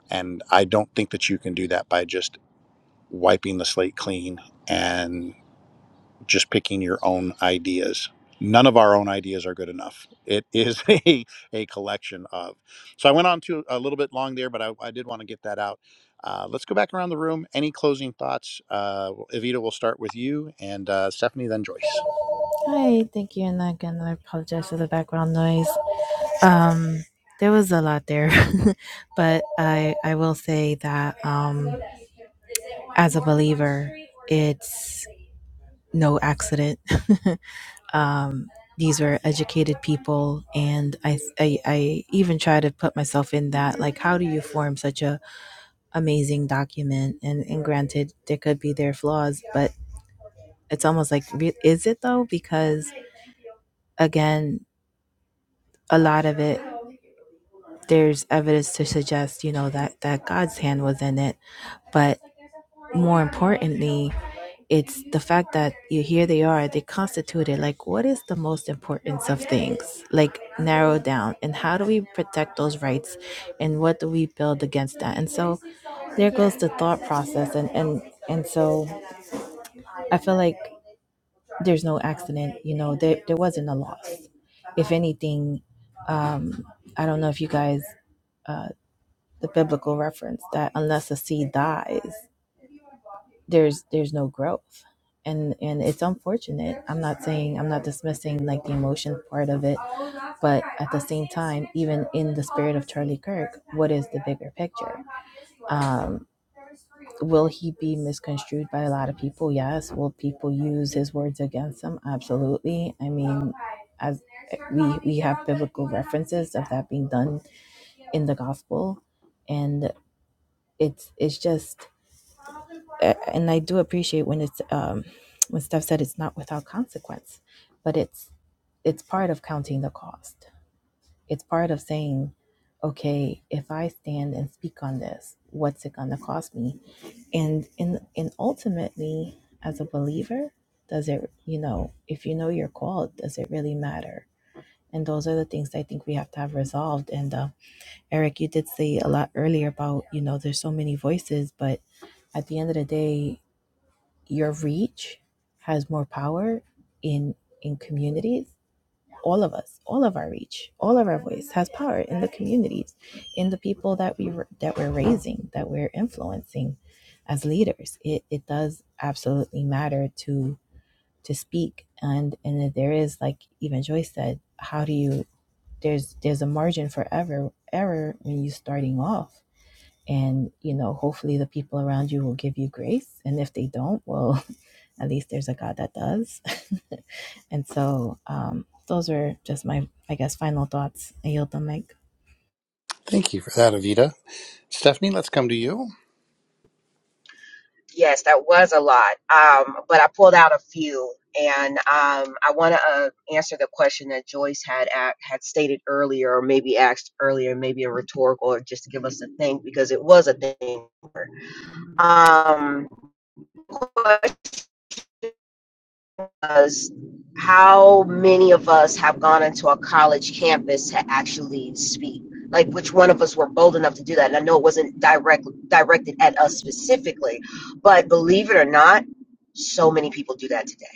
and i don't think that you can do that by just wiping the slate clean and just picking your own ideas. None of our own ideas are good enough. It is (laughs) a, a collection of. So I went on to a little bit long there, but I, I did want to get that out. Uh, let's go back around the room. Any closing thoughts? Uh, Evita, we'll start with you and uh, Stephanie, then Joyce. hi thank you and again i apologize for the background noise Um, there was a lot there, (laughs) but I I will say that um, as a believer, it's no accident. (laughs) um, these were educated people, and I, I I even try to put myself in that. Like, how do you form such a amazing document? And and granted, there could be their flaws, but it's almost like re- is it though? Because again, a lot of it there's evidence to suggest you know that that God's hand was in it But more importantly, it's the fact that you here they are, they constituted like what is the most importance of things? Like narrow down and how do we protect those rights and what do we build against that? And so there goes the thought process and and and so I feel like there's no accident, you know, there there wasn't a loss. If anything, um I don't know if you guys uh the biblical reference that unless a seed dies there's there's no growth and and it's unfortunate i'm not saying i'm not dismissing like the emotion part of it but at the same time even in the spirit of charlie kirk what is the bigger picture um will he be misconstrued by a lot of people yes will people use his words against him absolutely i mean as we we have biblical references of that being done in the gospel and it's it's just uh, and I do appreciate when it's um, when stuff said it's not without consequence, but it's it's part of counting the cost. It's part of saying, okay, if I stand and speak on this, what's it gonna cost me? And in and ultimately, as a believer, does it you know if you know you're called, does it really matter? And those are the things I think we have to have resolved. And uh, Eric, you did say a lot earlier about you know there's so many voices, but at the end of the day, your reach has more power in in communities all of us all of our reach all of our voice has power in the communities in the people that we that we're raising that we're influencing as leaders it, it does absolutely matter to to speak and and there is like even joyce said how do you there's there's a margin for ever error when you're starting off and you know hopefully the people around you will give you grace and if they don't well at least there's a God that does. (laughs) and so um, those are just my, I guess, final thoughts. I yield the mic. Thank you for that, Avita. Stephanie, let's come to you. Yes, that was a lot. Um, but I pulled out a few, and um, I want to uh, answer the question that Joyce had a had stated earlier, or maybe asked earlier, maybe a rhetorical, or just to give us a think because it was a thing. Um, because how many of us have gone into a college campus to actually speak? Like, which one of us were bold enough to do that? And I know it wasn't direct, directed at us specifically, but believe it or not, so many people do that today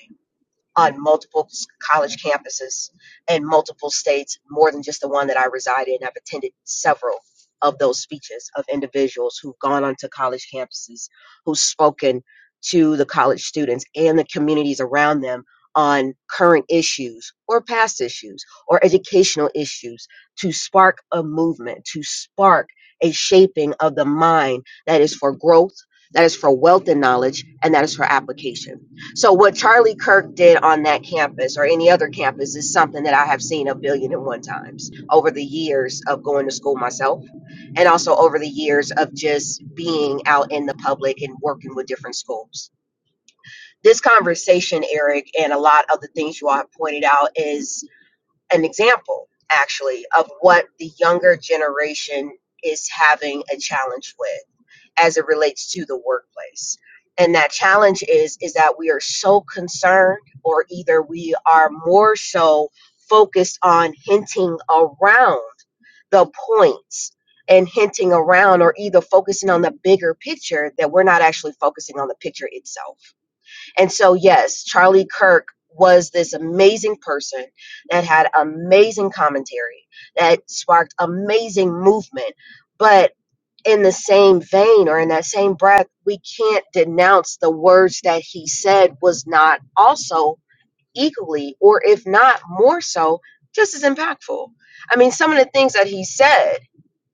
on multiple college campuses in multiple states, more than just the one that I reside in. I've attended several of those speeches of individuals who've gone onto college campuses, who've spoken to the college students and the communities around them on current issues or past issues or educational issues to spark a movement, to spark a shaping of the mind that is for growth, that is for wealth and knowledge, and that is for application. So what Charlie Kirk did on that campus or any other campus is something that I have seen a billion and one times over the years of going to school myself and also over the years of just being out in the public and working with different schools. This conversation, Eric, and a lot of the things you all have pointed out is an example actually of what the younger generation is having a challenge with as it relates to the workplace. And that challenge is is that we are so concerned or either we are more so focused on hinting around the points and hinting around or either focusing on the bigger picture that we're not actually focusing on the picture itself. And so yes, Charlie Kirk was this amazing person that had amazing commentary that sparked amazing movement. But in the same vein or in that same breath, we can't denounce the words that he said was not also equally, or if not more so, just as impactful. I mean, some of the things that he said,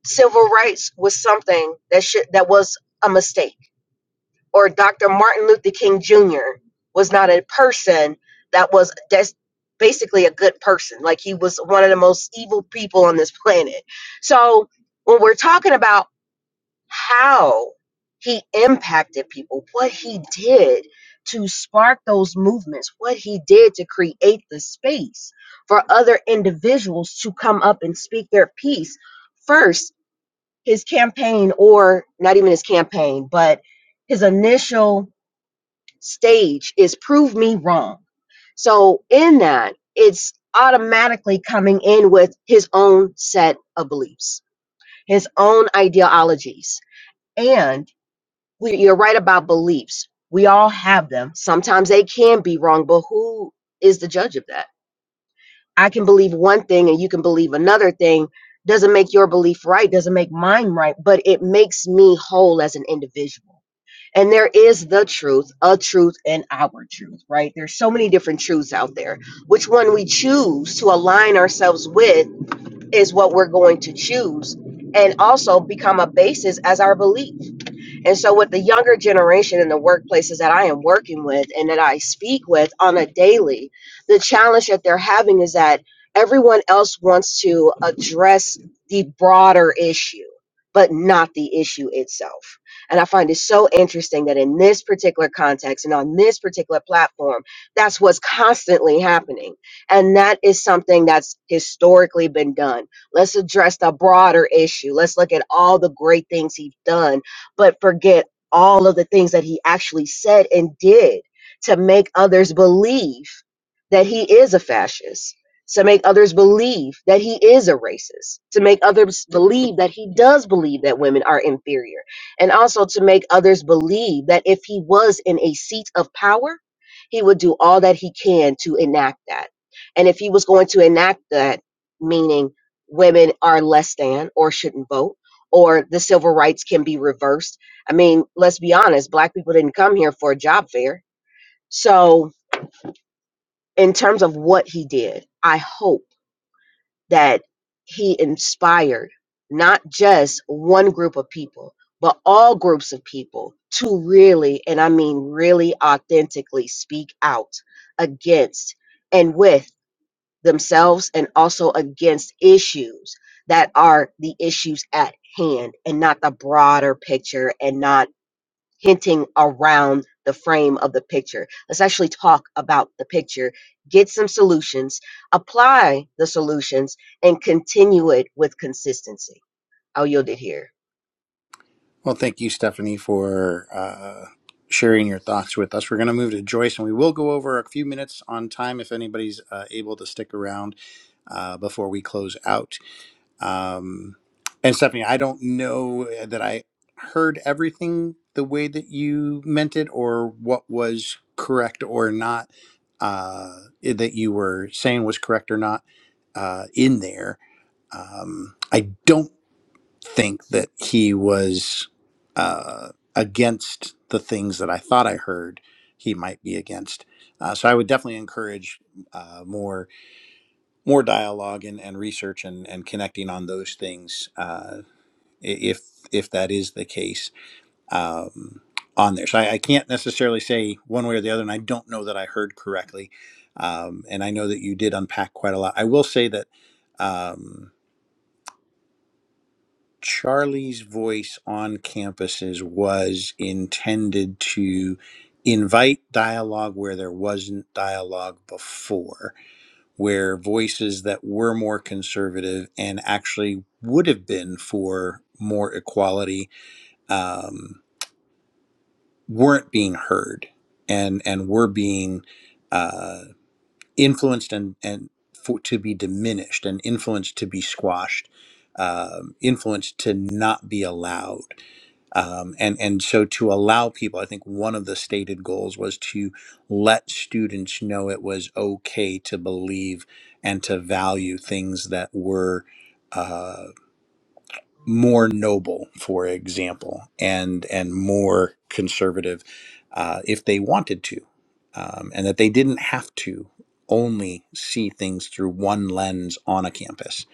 civil rights was something that should that was a mistake, or Dr. Martin Luther King Jr. was not a person that was that's basically a good person. Like he was one of the most evil people on this planet. So when we're talking about how he impacted people, what he did to spark those movements, what he did to create the space for other individuals to come up and speak their piece. First, his campaign, or not even his campaign, but his initial stage is prove me wrong. So, in that, it's automatically coming in with his own set of beliefs, his own ideologies. and we, you're right about beliefs. We all have them. Sometimes they can be wrong, but who is the judge of that? I can believe one thing and you can believe another thing. Doesn't make your belief right, doesn't make mine right, but it makes me whole as an individual. And there is the truth, a truth, and our truth, right? There's so many different truths out there. Which one we choose to align ourselves with is what we're going to choose and also become a basis as our belief and so, with the younger generation in the workplaces that I am working with and that I speak with on a daily, the challenge that they're having is that everyone else wants to address the broader issue, but not the issue itself. And I find it so interesting that in this particular context and on this particular platform, that's what's constantly happening. And that is something that's historically been done. Let's address the broader issue. Let's look at all the great things he's done but forget all of the things that he actually said and did to make others believe that he is a fascist, to make others believe that he is a racist, to make others believe that he does believe that women are inferior, and also to make others believe that if he was in a seat of power, he would do all that he can to enact that. And if he was going to enact that, meaning women are less than or shouldn't vote, or the civil rights can be reversed. I mean, let's be honest, black people didn't come here for a job fair. So, in terms of what he did, I hope that he inspired not just one group of people, but all groups of people to really, and I mean really authentically speak out against and with themselves and also against issues that are the issues at hand and not the broader picture and not hinting around the frame of the picture. Let's actually talk about the picture, get some solutions, apply the solutions, and continue it with consistency. I'll yield it here. Well, thank you, Stephanie, for uh, sharing your thoughts with us. We're going to move to Joyce, and we will go over a few minutes on time if anybody's uh, able to stick around uh, before we close out. Um, and Stephanie, I don't know that I heard everything the way that you meant it or what was correct or not uh, that you were saying was correct or not uh, in there. Um, I don't think that he was uh, against the things that I thought I heard he might be against. Uh, so I would definitely encourage uh, more more dialogue and, and research and, and connecting on those things uh, i- if if that is the case um, on there. So I, I can't necessarily say one way or the other, and I don't know that I heard correctly. Um, and I know that you did unpack quite a lot. I will say that. Um, Charlie's voice on campuses was intended to invite dialogue where there wasn't dialogue before, where voices that were more conservative and actually would have been for more equality um, weren't being heard and and were being. uh influenced and and for, to be diminished and influenced to be squashed um, influenced to not be allowed um, and and so to allow people i think one of the stated goals was to let students know it was okay to believe and to value things that were uh, more noble, for example, and and more conservative, uh, if they wanted to, um, and that they didn't have to only see things through one lens on a campus.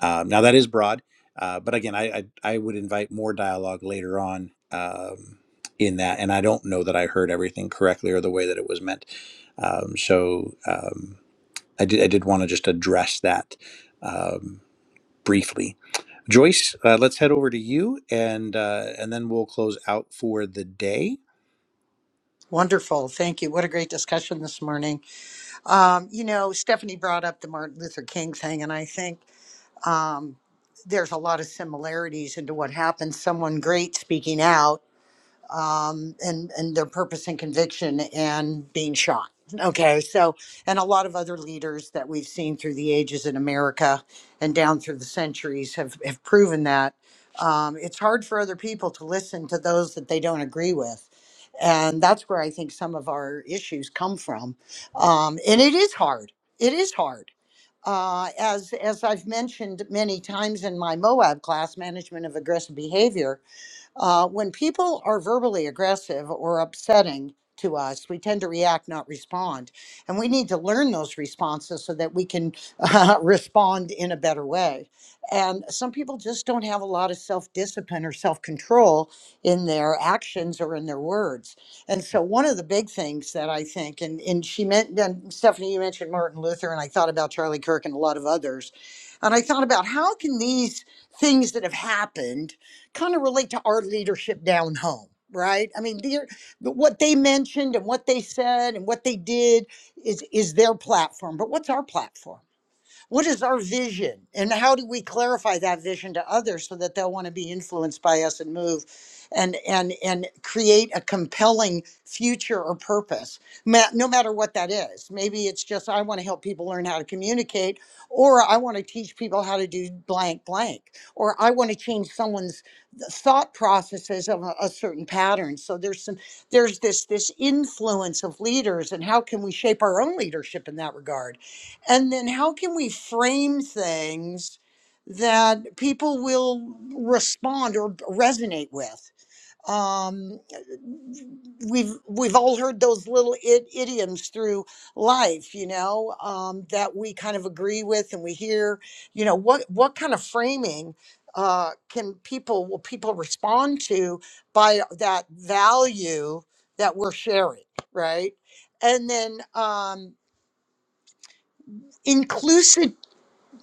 Um, now that is broad, uh, but again, I, I I would invite more dialogue later on um, in that, and I don't know that I heard everything correctly or the way that it was meant. Um, so um, I did I did want to just address that Um, briefly. Joyce, uh, let's head over to you, and uh, and then we'll close out for the day. Wonderful. Thank you. What a great discussion this morning. Um, you know, Stephanie brought up the Martin Luther King thing, and I think um, there's a lot of similarities into what happens. Someone great speaking out um, and and their purpose and conviction and being shot. Okay, so and a lot of other leaders that we've seen through the ages in America and down through the centuries have have proven that um, it's hard for other people to listen to those that they don't agree with. And that's where I think some of our issues come from. Um, and it is hard. It is hard. Uh, as as I've mentioned many times in my Moab class, management of aggressive behavior, uh, when people are verbally aggressive or upsetting to us, we tend to react, not respond. And we need to learn those responses so that we can (laughs) uh, respond in a better way. And some people just don't have a lot of self discipline or self control in their actions or in their words. And so, one of the big things that I think, and, and she meant, and Stephanie, you mentioned Martin Luther, and I thought about Charlie Kirk and a lot of others. And I thought about how can these things that have happened kind of relate to our leadership down home, right? I mean, they're, what they mentioned and what they said and what they did is is their platform, but what's our platform? What is our vision? And how do we clarify that vision to others so that they'll want to be influenced by us and move and and and create a compelling future or purpose, ma- no matter what that is. Maybe it's just I want to help people learn how to communicate, or I want to teach people how to do blank blank, or I want to change someone's thought processes of a, a certain pattern. So there's some there's this this influence of leaders, and how can we shape our own leadership in that regard? And then how can we frame things that people will respond or resonate with? Um, we've we've all heard those little I- idioms through life, you know, um, that we kind of agree with and we hear. You know, what what kind of framing uh, can people will people respond to by that value that we're sharing, right? And then um,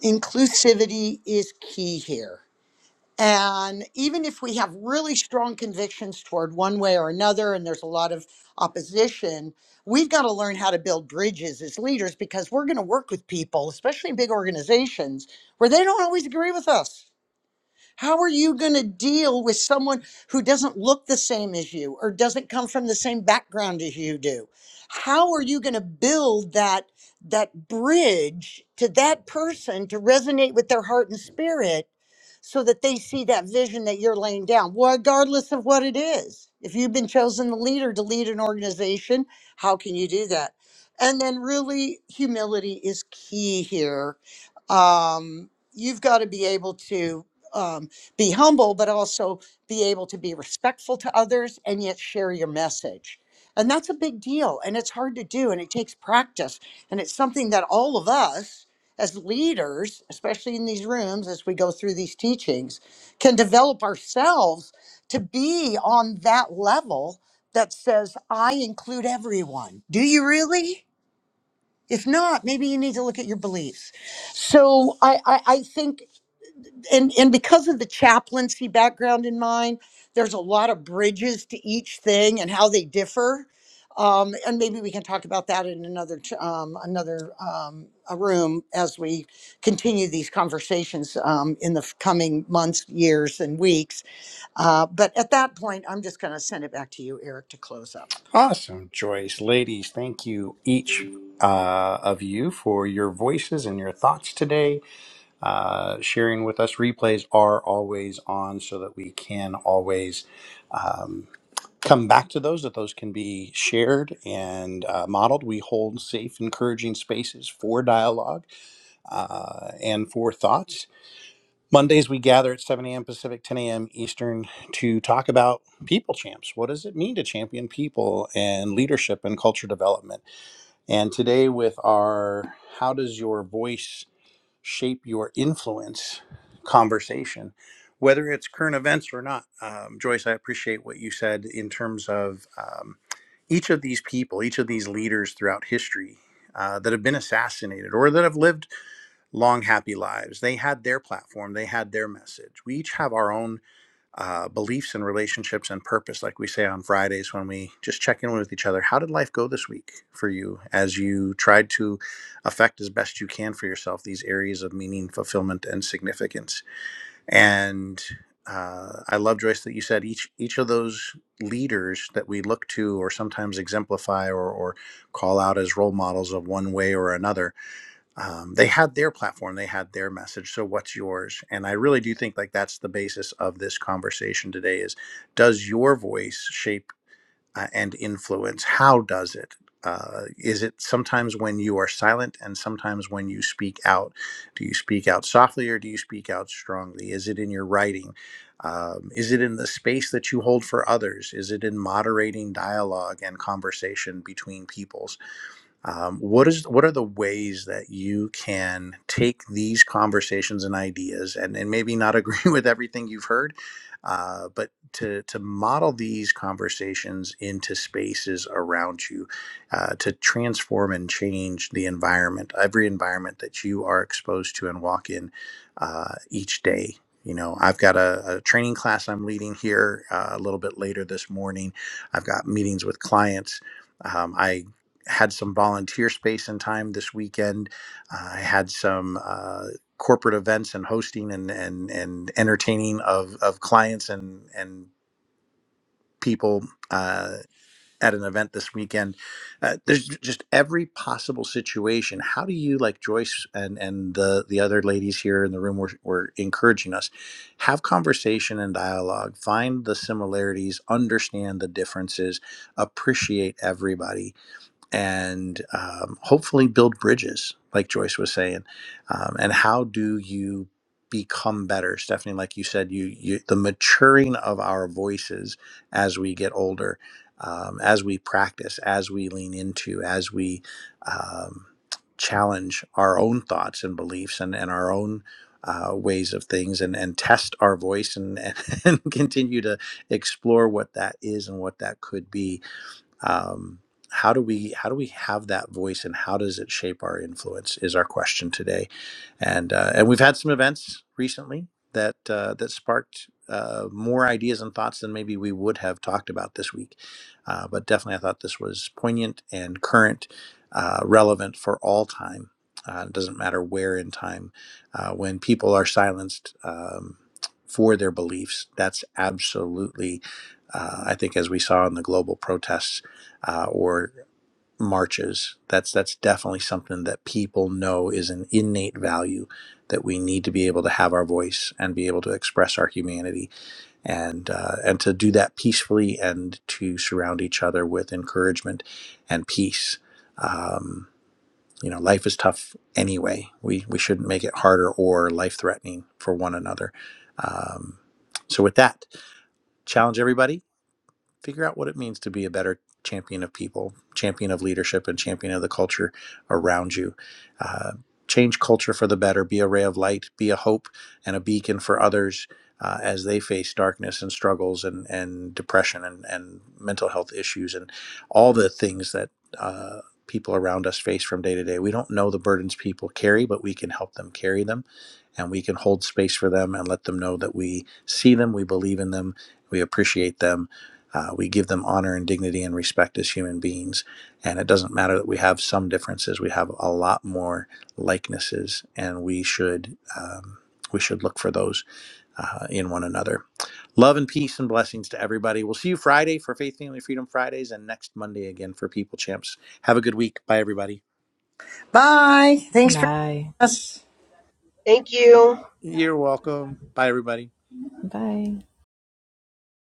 inclusivity is key here. And even if we have really strong convictions toward one way or another, and there's a lot of opposition, we've got to learn how to build bridges as leaders because we're going to work with people, especially in big organizations, where they don't always agree with us. How are you going to deal with someone who doesn't look the same as you or doesn't come from the same background as you do? How are you going to build that that bridge to that person to resonate with their heart and spirit so that they see that vision that you're laying down, regardless of what it is? If you've been chosen the leader to lead an organization, how can you do that? And then really humility is key here. Um, you've got to be able to um, be humble, but also be able to be respectful to others and yet share your message. And that's a big deal. And it's hard to do and it takes practice. And it's something that all of us as leaders, especially in these rooms as we go through these teachings, can develop ourselves to be on that level that says, I include everyone. Do you really? If not, maybe you need to look at your beliefs. So I, I, I think and and because of the chaplaincy background in mine, there's a lot of bridges to each thing and how they differ. Um, and maybe we can talk about that in another t- um, another um, a room as we continue these conversations um, in the f- coming months, years, and weeks. Uh, but at that point, I'm just going to send it back to you, Eric, to close up. Awesome, Joyce, ladies, thank you each uh, of you for your voices and your thoughts today. Uh, sharing with us, replays are always on, so that we can always um, come back to those. That those can be shared and uh, modeled. We hold safe, encouraging spaces for dialogue and for thoughts Mondays, we gather at 7 a.m. Pacific, 10 a.m. Eastern to talk about people champs. What does it mean to champion people and leadership and culture development? And today, with our How Does Your Voice Shape Your Influence conversation, whether it's current events or not, um, Joyce, I appreciate what you said in terms of um, each of these people, each of these leaders throughout history uh, that have been assassinated or that have lived long happy lives they had their platform they had their message we each have our own uh, beliefs and relationships and purpose like we say on fridays when we just check in with each other how did life go this week for you as you tried to affect as best you can for yourself these areas of meaning fulfillment and significance and uh, i love joyce that you said each each of those leaders that we look to or sometimes exemplify or, or call out as role models of one way or another um, they had their platform they had their message so what's yours and i really do think like that's the basis of this conversation today is does your voice shape uh, and influence how does it uh, is it sometimes when you are silent and sometimes when you speak out do you speak out softly or do you speak out strongly is it in your writing um, is it in the space that you hold for others is it in moderating dialogue and conversation between people um, what is what are the ways that you can take these conversations and ideas and, and maybe not agree (laughs) with everything you've heard uh, but to, to model these conversations into spaces around you uh, to transform and change the environment every environment that you are exposed to and walk in uh, each day you know i've got a, a training class i'm leading here uh, a little bit later this morning i've got meetings with clients um, I had some volunteer space and time this weekend. Uh, I had some uh, corporate events and hosting and and, and entertaining of, of clients and and people uh, at an event this weekend. Uh, there's j- just every possible situation. How do you, like Joyce and and the the other ladies here in the room were, were encouraging us, have conversation and dialogue, find the similarities, understand the differences, appreciate everybody and um, hopefully build bridges, like Joyce was saying. Um, and how do you become better, Stephanie? Like you said, you, you the maturing of our voices as we get older, um, as we practice, as we lean into, as we um, challenge our own thoughts and beliefs and, and our own. Uh, ways of things and, and test our voice and, and, (laughs) and continue to explore what that is and what that could be um, how do we how do we have that voice and how does it shape our influence is our question today and uh, and we've had some events recently that uh, that sparked uh, more ideas and thoughts than maybe we would have talked about this week uh, but definitely i thought this was poignant and current uh, relevant for all time uh, it doesn't matter where in time uh, when people are silenced um, for their beliefs that's absolutely uh, i think as we saw in the global protests uh, or marches. That's that's definitely something that people know is an innate value that we need to be able to have our voice and be able to express our humanity and uh, and to do that peacefully and to surround each other with encouragement and peace. Um, you know, life is tough anyway. We we shouldn't make it harder or life threatening for one another. Um, so with that, challenge everybody figure out what it means to be a better champion of people, champion of leadership, and champion of the culture around you. Uh, change culture for the better, be a ray of light, be a hope and a beacon for others uh, as they face darkness and struggles and, and depression and, and mental health issues and all the things that uh, people around us face from day to day. We don't know the burdens people carry, but we can help them carry them. And we can hold space for them and let them know that we see them, we believe in them, we appreciate them, uh, we give them honor and dignity and respect as human beings. And it doesn't matter that we have some differences, we have a lot more likenesses, and we should, um, we should look for those uh, in one another. Love and peace and blessings to everybody. We'll see you Friday for Faith, Family, Freedom Fridays and next Monday again for People Champs. Have a good week. Bye, everybody. Bye. Thanks for Bye. joining us. Thank you. You're welcome. Bye, everybody. Bye.